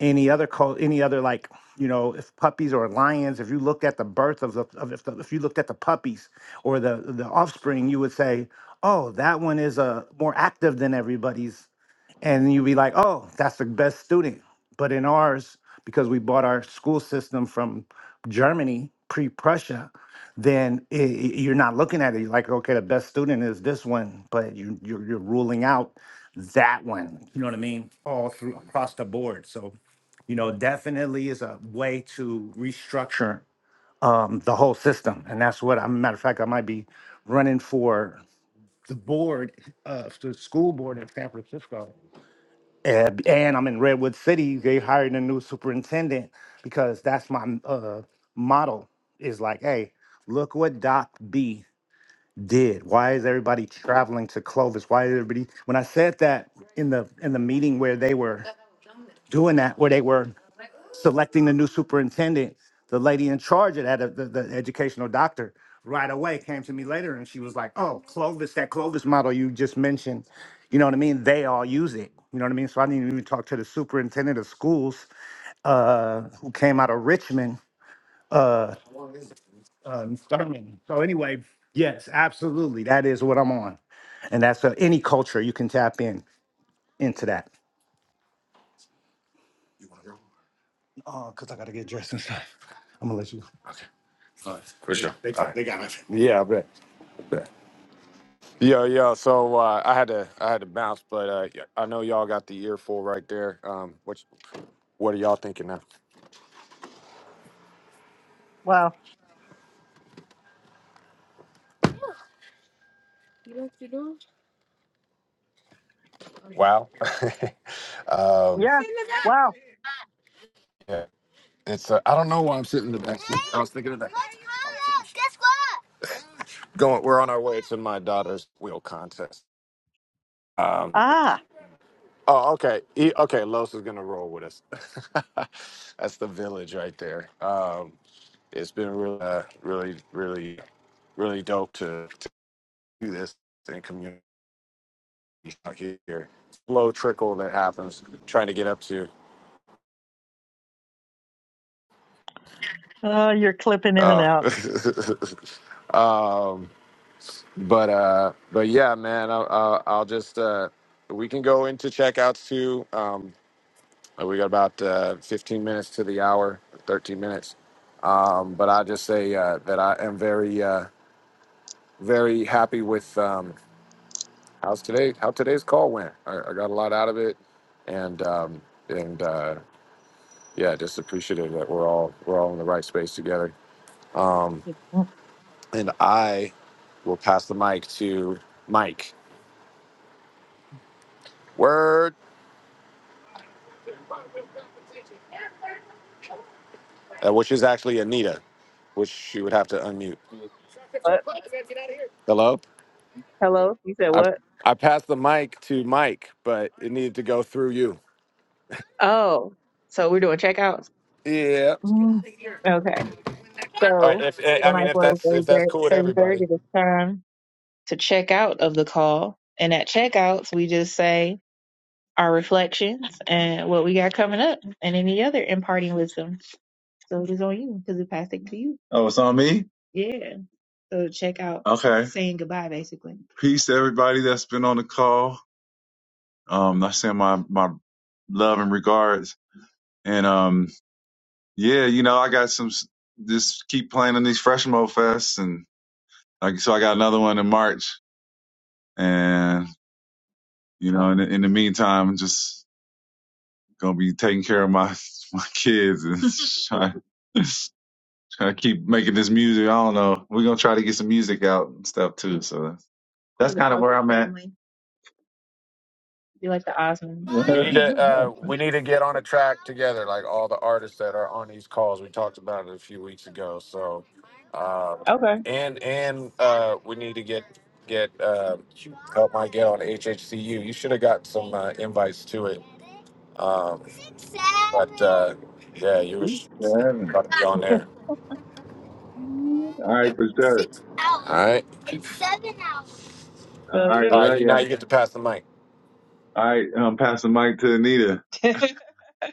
Speaker 1: any other co- any other like you know if puppies or lions if you looked at the birth of the of if, the, if you looked at the puppies or the the offspring you would say oh that one is uh, more active than everybody's and you'd be like, "Oh, that's the best student." But in ours, because we bought our school system from Germany pre-Prussia, then i i- you're not looking at it. You're like, "Okay, the best student is this one," but you, you're you're ruling out that one. You know what I mean? All through across the board. So, you know, definitely is a way to restructure um, the whole system, and that's what I'm. Matter of fact, I might be running for the board of the school board in San Francisco and, and I'm in Redwood City. They hired a new superintendent because that's my uh, model is like, hey, look what Doc B did. Why is everybody traveling to Clovis? Why is everybody? When I said that in the in the meeting where they were doing that, where they were selecting the new superintendent, the lady in charge of that, uh, the, the educational doctor, right away came to me later and she was like, "Oh, Clovis, that Clovis model you just mentioned, you know what I mean? They all use it, you know what I mean? So I didn't even talk to the superintendent of schools, uh, who came out of Richmond, uh, um, Thurman. So anyway, yes, absolutely, that is what I'm on, and that's uh, any culture you can tap in into that. Oh, cause I gotta get dressed and stuff. I'm gonna let you. For They, sure. They All got, right. they got nothing. Yeah, I bet. bet. Yeah, yeah. So uh, I had to, I had to bounce, but uh, y- I know y'all got the earful right there. Um, what, what are y'all thinking now?
Speaker 2: wow
Speaker 1: Wow. um,
Speaker 2: yeah wow
Speaker 1: yeah, it's. Uh, I don't know why I'm sitting in the back seat. I was thinking of that. Going. We're on our way to my daughter's wheel contest. Um,
Speaker 2: ah
Speaker 1: Oh, okay. E- okay, Los is gonna roll with us. That's the village right there. Um, it's been really, uh, really, really, really dope to, to do this in community out here. Slow trickle that happens. Trying to get up to.
Speaker 2: Oh, you're clipping in and
Speaker 1: Uh,
Speaker 2: out.
Speaker 1: um, but uh, but yeah, man. I'll, I'll, I'll just uh, we can go into checkouts too. Um, Uh, We got about uh, 15 minutes to the hour, 13 minutes. Um, but I just say uh, that I am very, uh, very happy with um, how's today, how today's call went. I, I got a lot out of it, and um, and uh, yeah, just appreciative that we're all we're all in the right space together. Um, and I will pass the mic to Mike. Word, uh, which is actually Anita, which she would have to unmute.
Speaker 7: What?
Speaker 1: Hello.
Speaker 7: Hello? You said
Speaker 1: I
Speaker 7: what?
Speaker 1: I passed the mic to Mike, but it needed to go through you.
Speaker 7: Oh, so we're doing checkouts?
Speaker 1: Yeah.
Speaker 2: Mm-hmm.
Speaker 7: Okay.
Speaker 1: All right.
Speaker 7: So
Speaker 1: If eh,
Speaker 7: we
Speaker 1: I
Speaker 7: might
Speaker 1: mean,
Speaker 7: as
Speaker 1: if
Speaker 7: well
Speaker 1: that's
Speaker 7: thirty
Speaker 1: if that's cool with
Speaker 7: thirty thirty
Speaker 1: everybody,
Speaker 7: it is time to check out of the call. And at checkouts we just say our reflections and what we got coming up and any other imparting wisdom. So it is on you because it passed it to you. Oh, it's on me? Yeah. So check out Okay. saying goodbye basically. Peace to everybody that's been on the call. Um, I send my, my love and regards. And, um. Yeah, you know, I got some. s- Just keep playing in these Freshmo Fests, and like so, I got another one in March, and you know, in the, in the meantime, I'm just gonna be taking care of my my kids and trying trying to keep making this music. I don't know. We're gonna try to get some music out and stuff too. So you that's kind of where I'm at. family. You like the Osmonds?
Speaker 1: we
Speaker 7: Yeah,
Speaker 1: need to uh, we need to get on a track together, like all the artists that are on these calls. We talked about it a few weeks ago. So, uh,
Speaker 7: Okay.
Speaker 1: and and uh, we need to get get uh, help Mike get on HHCU. You should have got some uh, invites to it. Um, but uh, yeah, you were
Speaker 7: for
Speaker 1: about to be on there.
Speaker 7: All right, for sure.
Speaker 1: All right.
Speaker 7: All right, So
Speaker 1: All right,
Speaker 7: right,
Speaker 1: you
Speaker 7: yeah.
Speaker 1: now
Speaker 7: love ya.
Speaker 1: you get to pass the mic.
Speaker 7: All right, I'm passing the mic to Anita.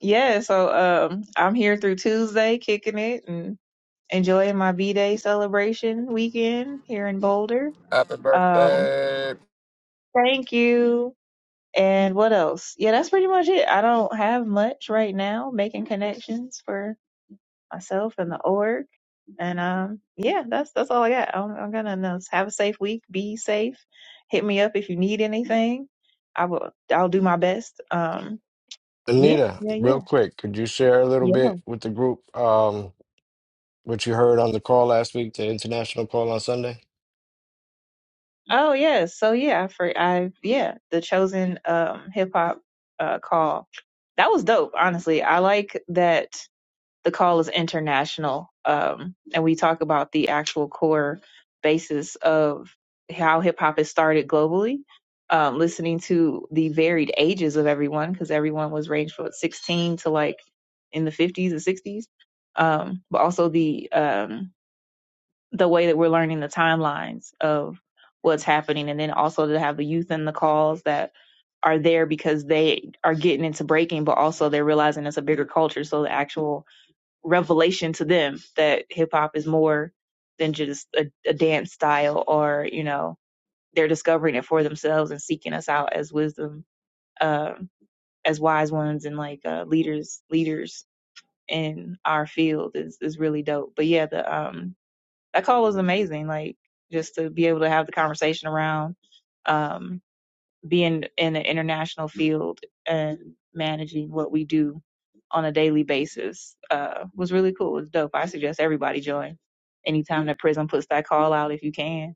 Speaker 7: yeah, so um, I'm here through Tuesday, kicking it and enjoying my B Day celebration weekend here in Boulder.
Speaker 1: Happy
Speaker 7: Um,
Speaker 1: birthday.
Speaker 7: thank you. And what else? Yeah, that's pretty much it. I don't have much right now. Making connections for myself and the org, and um, yeah, that's that's all I got. I'm, I'm gonna announce. Have a safe week. Be safe. Hit me up if you need anything. I will. I'll do my best. Um, yeah,
Speaker 6: Anita,
Speaker 7: yeah,
Speaker 6: real
Speaker 7: yeah,
Speaker 6: quick, could you share a little
Speaker 7: yeah.
Speaker 6: bit with the group um, what you heard on the call last week, the international call on Sunday?
Speaker 7: Oh yeah, so yeah, I for I yeah, the chosen um hip hop uh call. That was dope, honestly. I like that the call is international. Um and we talk about the actual core basis of how hip hop is started globally. Um listening to the varied ages of everyone because everyone was ranged from 16 to like in the 50s and 60s. Um but also the um the way that we're learning the timelines of what's happening and then also to have the youth in the calls that are there because they are getting into breaking but also they're realizing it's a bigger culture so the actual revelation to them that hip hop is more than just a, a dance style or you know they're discovering it for themselves and seeking us out as wisdom um as wise ones and like uh leaders leaders in our field is is really dope but yeah the um that call was amazing. Like just to be able to have the conversation around um, being in an international field and managing what we do on a daily basis uh, was really cool. It Was dope. I suggest everybody join anytime that Prism puts that call out if you can.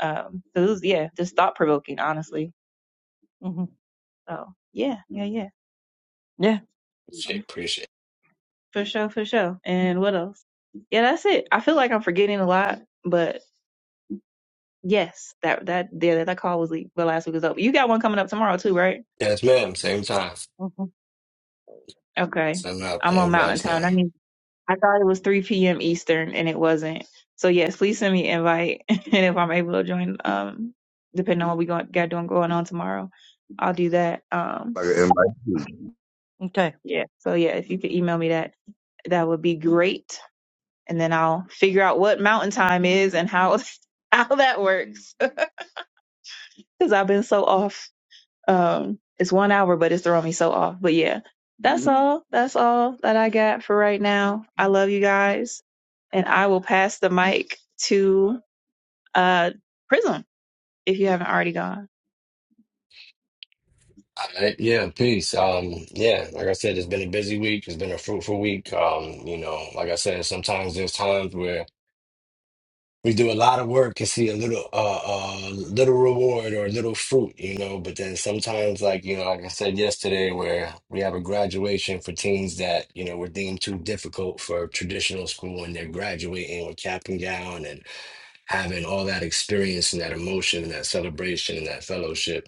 Speaker 7: Um, so it was yeah, just thought provoking, honestly.
Speaker 2: Mm-hmm.
Speaker 7: So yeah, yeah, yeah,
Speaker 2: Yeah.
Speaker 6: Shit, appreciate
Speaker 7: for sure, for sure. And what else? Yeah, that's it. I feel like I'm forgetting a lot, but Yes, that that yeah, that call was the last week was over. You got one coming up tomorrow too, right?
Speaker 6: it. Yes, ma'am. Same time.
Speaker 2: hmm
Speaker 7: Okay.
Speaker 6: Sending out
Speaker 7: I'm
Speaker 6: the
Speaker 7: on Mountain
Speaker 6: invites now.
Speaker 7: Time. I mean, I thought it was 3 p.m. Eastern and it wasn't. So yes, please send me an invite, and if I'm able to join, um, depending on what we got got doing going on tomorrow, I'll do that. Um,
Speaker 5: Like an invite you.
Speaker 2: Okay.
Speaker 7: yeah. So yeah, if you could email me that, that would be great, and then I'll figure out what Mountain Time is and how how that works because I've been so off. Um, it's one hour, but it's throwing me so off. But yeah, that's all. That's all that I got for right now. I love you guys, and I will pass the mic to uh Prism if you haven't already gone.
Speaker 6: All right. Yeah, peace. Um, yeah, like I said, it's been a busy week. It's been a fruitful week. Um, you know, like I said, sometimes there's times where We do a lot of work and see a little uh, uh little reward or a little fruit, you know, but then sometimes like, you know, like I said yesterday where we have a graduation for teens that, you know, were deemed too difficult for traditional school and they're graduating with cap and gown and having all that experience and that emotion and that celebration and that fellowship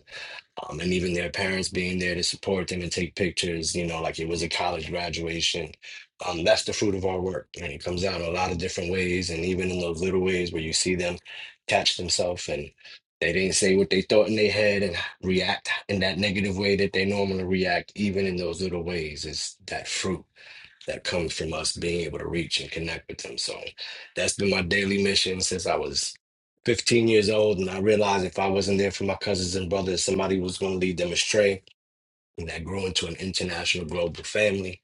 Speaker 6: um, and even their parents being there to support them and take pictures, you know, like it was a college graduation. Um, that's the fruit of our work, and it comes out a lot of different ways, and even in those little ways where you see them catch themselves and they didn't say what they thought in their head and react in that negative way that they normally react, even in those little ways, is that fruit that comes from us being able to reach and connect with them. So that's been my daily mission since I was 15 years old. And I realized if I wasn't there for my cousins and brothers, somebody was going to lead them astray and that grew into an international global family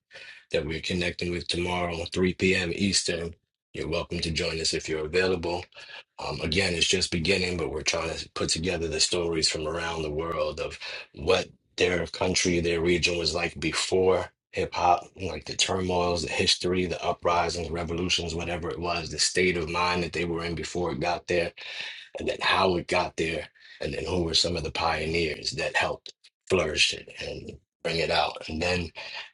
Speaker 6: that we're connecting with tomorrow, 3 p.m. Eastern. You're welcome to join us if you're available. Um, again, it's just beginning, but we're trying to put together the stories from around the world of what their country, their region was like before hip hop, like the turmoils, the history, the uprisings, revolutions, whatever it was, the state of mind that they were in before it got there and then how it got there, and then who were some of the pioneers that helped flourish it and bring it out. And then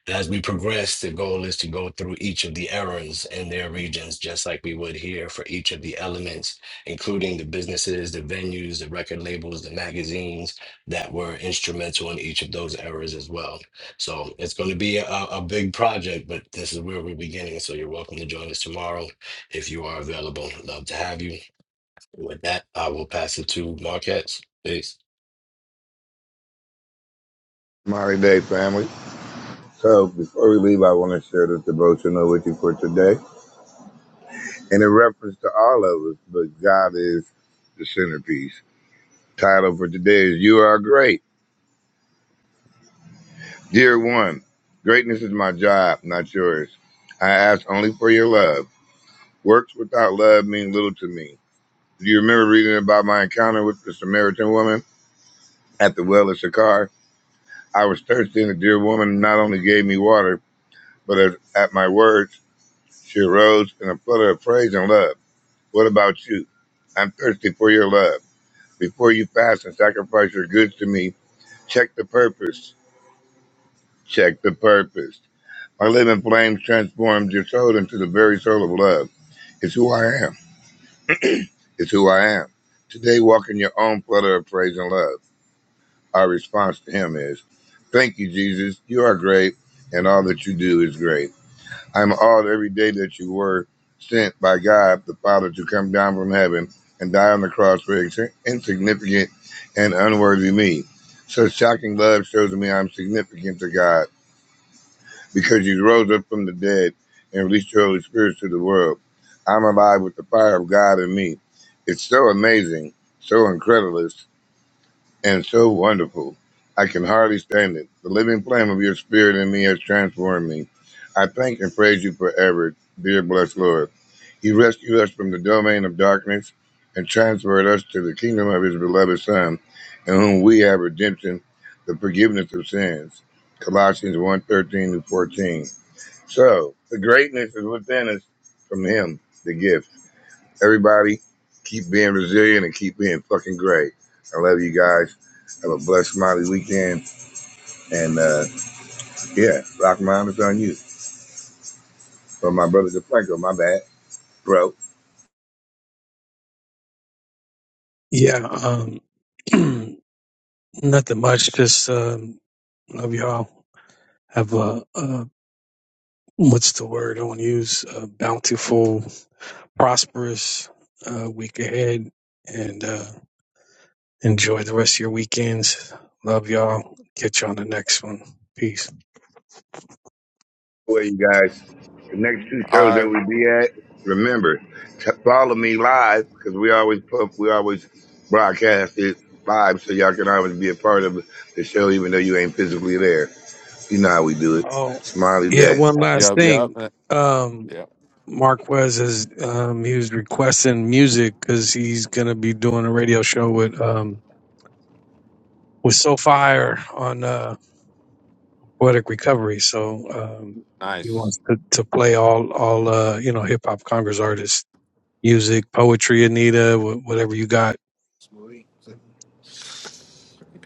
Speaker 6: as we progress, the goal is to go through each of the eras and their regions, just like we would here for each of the elements, including the businesses, the venues, the record labels, the magazines that were instrumental in each of those eras as well. So it's going to be a, a big project, but this is where we're beginning. So you're welcome to join us tomorrow if you are available. Love to have you. With that, I will pass it to Marquez. Peace.
Speaker 5: Mighty day, family. So before we leave, I want to share this devotional with you for today, and in reference to all of us, but God is the centerpiece. Title for today is "You Are Great." Dear one, greatness is my job, not yours. I ask only for your love. Works without love mean little to me. Do you remember reading about my encounter with the Samaritan woman at the well of Sychar? I was thirsty, and the dear woman not only gave me water, but at, at my words, she arose in a flutter of praise and love. What about you? I'm thirsty for your love. Before you fast and sacrifice your goods to me, check the purpose. Check the purpose. My living flames transformed your soul into the very soul of love. It's who I am. It's who I am. Today, walk in your own flutter of praise and love. Our response to Him is, Thank you, Jesus. You are great, and all that you do is great. I'm awed every day that you were sent by God the Father to come down from heaven and die on the cross for insignificant and unworthy me. Such shocking love shows me I'm significant to God because you rose up from the dead and released your Holy Spirit to the world. I'm alive with the fire of God in me. It's so amazing, so incredulous, and so wonderful. I can hardly stand it. The living flame of your spirit in me has transformed me. I thank and praise you forever, dear blessed Lord. He rescued us from the domain of darkness and transferred us to the kingdom of his beloved Son, in whom we have redemption, the forgiveness of sins. Colossians one 13 to 14. So the greatness is within us from him, the gift. Everybody, keep being resilient and keep being fucking great. I love you guys. Have a blessed, smiley weekend. And uh, yeah, Rock Mom is on you. From my brother DeFranco, my bad. Bro,
Speaker 4: yeah, um, nothing much. Just um, love y'all. Have a, a what's the word I want to use? A bountiful, prosperous uh, week ahead, and uh, enjoy the rest of your weekends. Love y'all. Catch you on the next one. Peace.
Speaker 5: where you guys? The next two shows
Speaker 1: All
Speaker 5: that
Speaker 1: right.
Speaker 5: we be at, remember, t- follow me live because we always pump, we always broadcast it live so y'all can always be a part of the show even though you ain't physically there. You know how we do it.
Speaker 4: Oh,
Speaker 5: Smiley
Speaker 4: yeah.
Speaker 5: day.
Speaker 4: One last
Speaker 1: Yep, yep.
Speaker 4: thing.
Speaker 1: uh,
Speaker 4: Um,
Speaker 1: Yep.
Speaker 4: Marquez is um, he was requesting music because he's gonna be doing a radio show with um, with SoFire on uh, poetic recovery. So um, he
Speaker 1: Nice.
Speaker 4: wants to, to play all all uh, you know hip hop Congress artists, music, poetry, Anita, wh- whatever you got.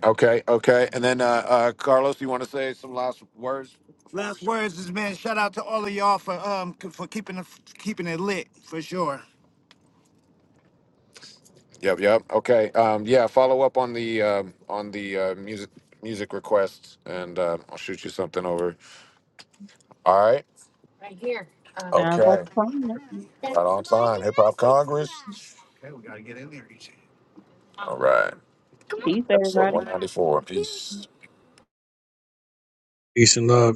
Speaker 1: Okay, okay. And then uh uh Carlos, you wanna say some last words? Last words is man, shout out to all of y'all for um c- for keeping it keeping it lit for sure. Yep, yep. Okay. Um yeah, follow up on the um on the uh music music requests and uh, I'll shoot you something over. All right. Right here. Um,
Speaker 7: Sounds like
Speaker 1: okay.
Speaker 7: fun.
Speaker 1: Right on time. Hip Hop Congress. All right.
Speaker 7: Peace,
Speaker 1: Episode
Speaker 7: everybody.
Speaker 1: 194. Peace.
Speaker 4: Peace and love.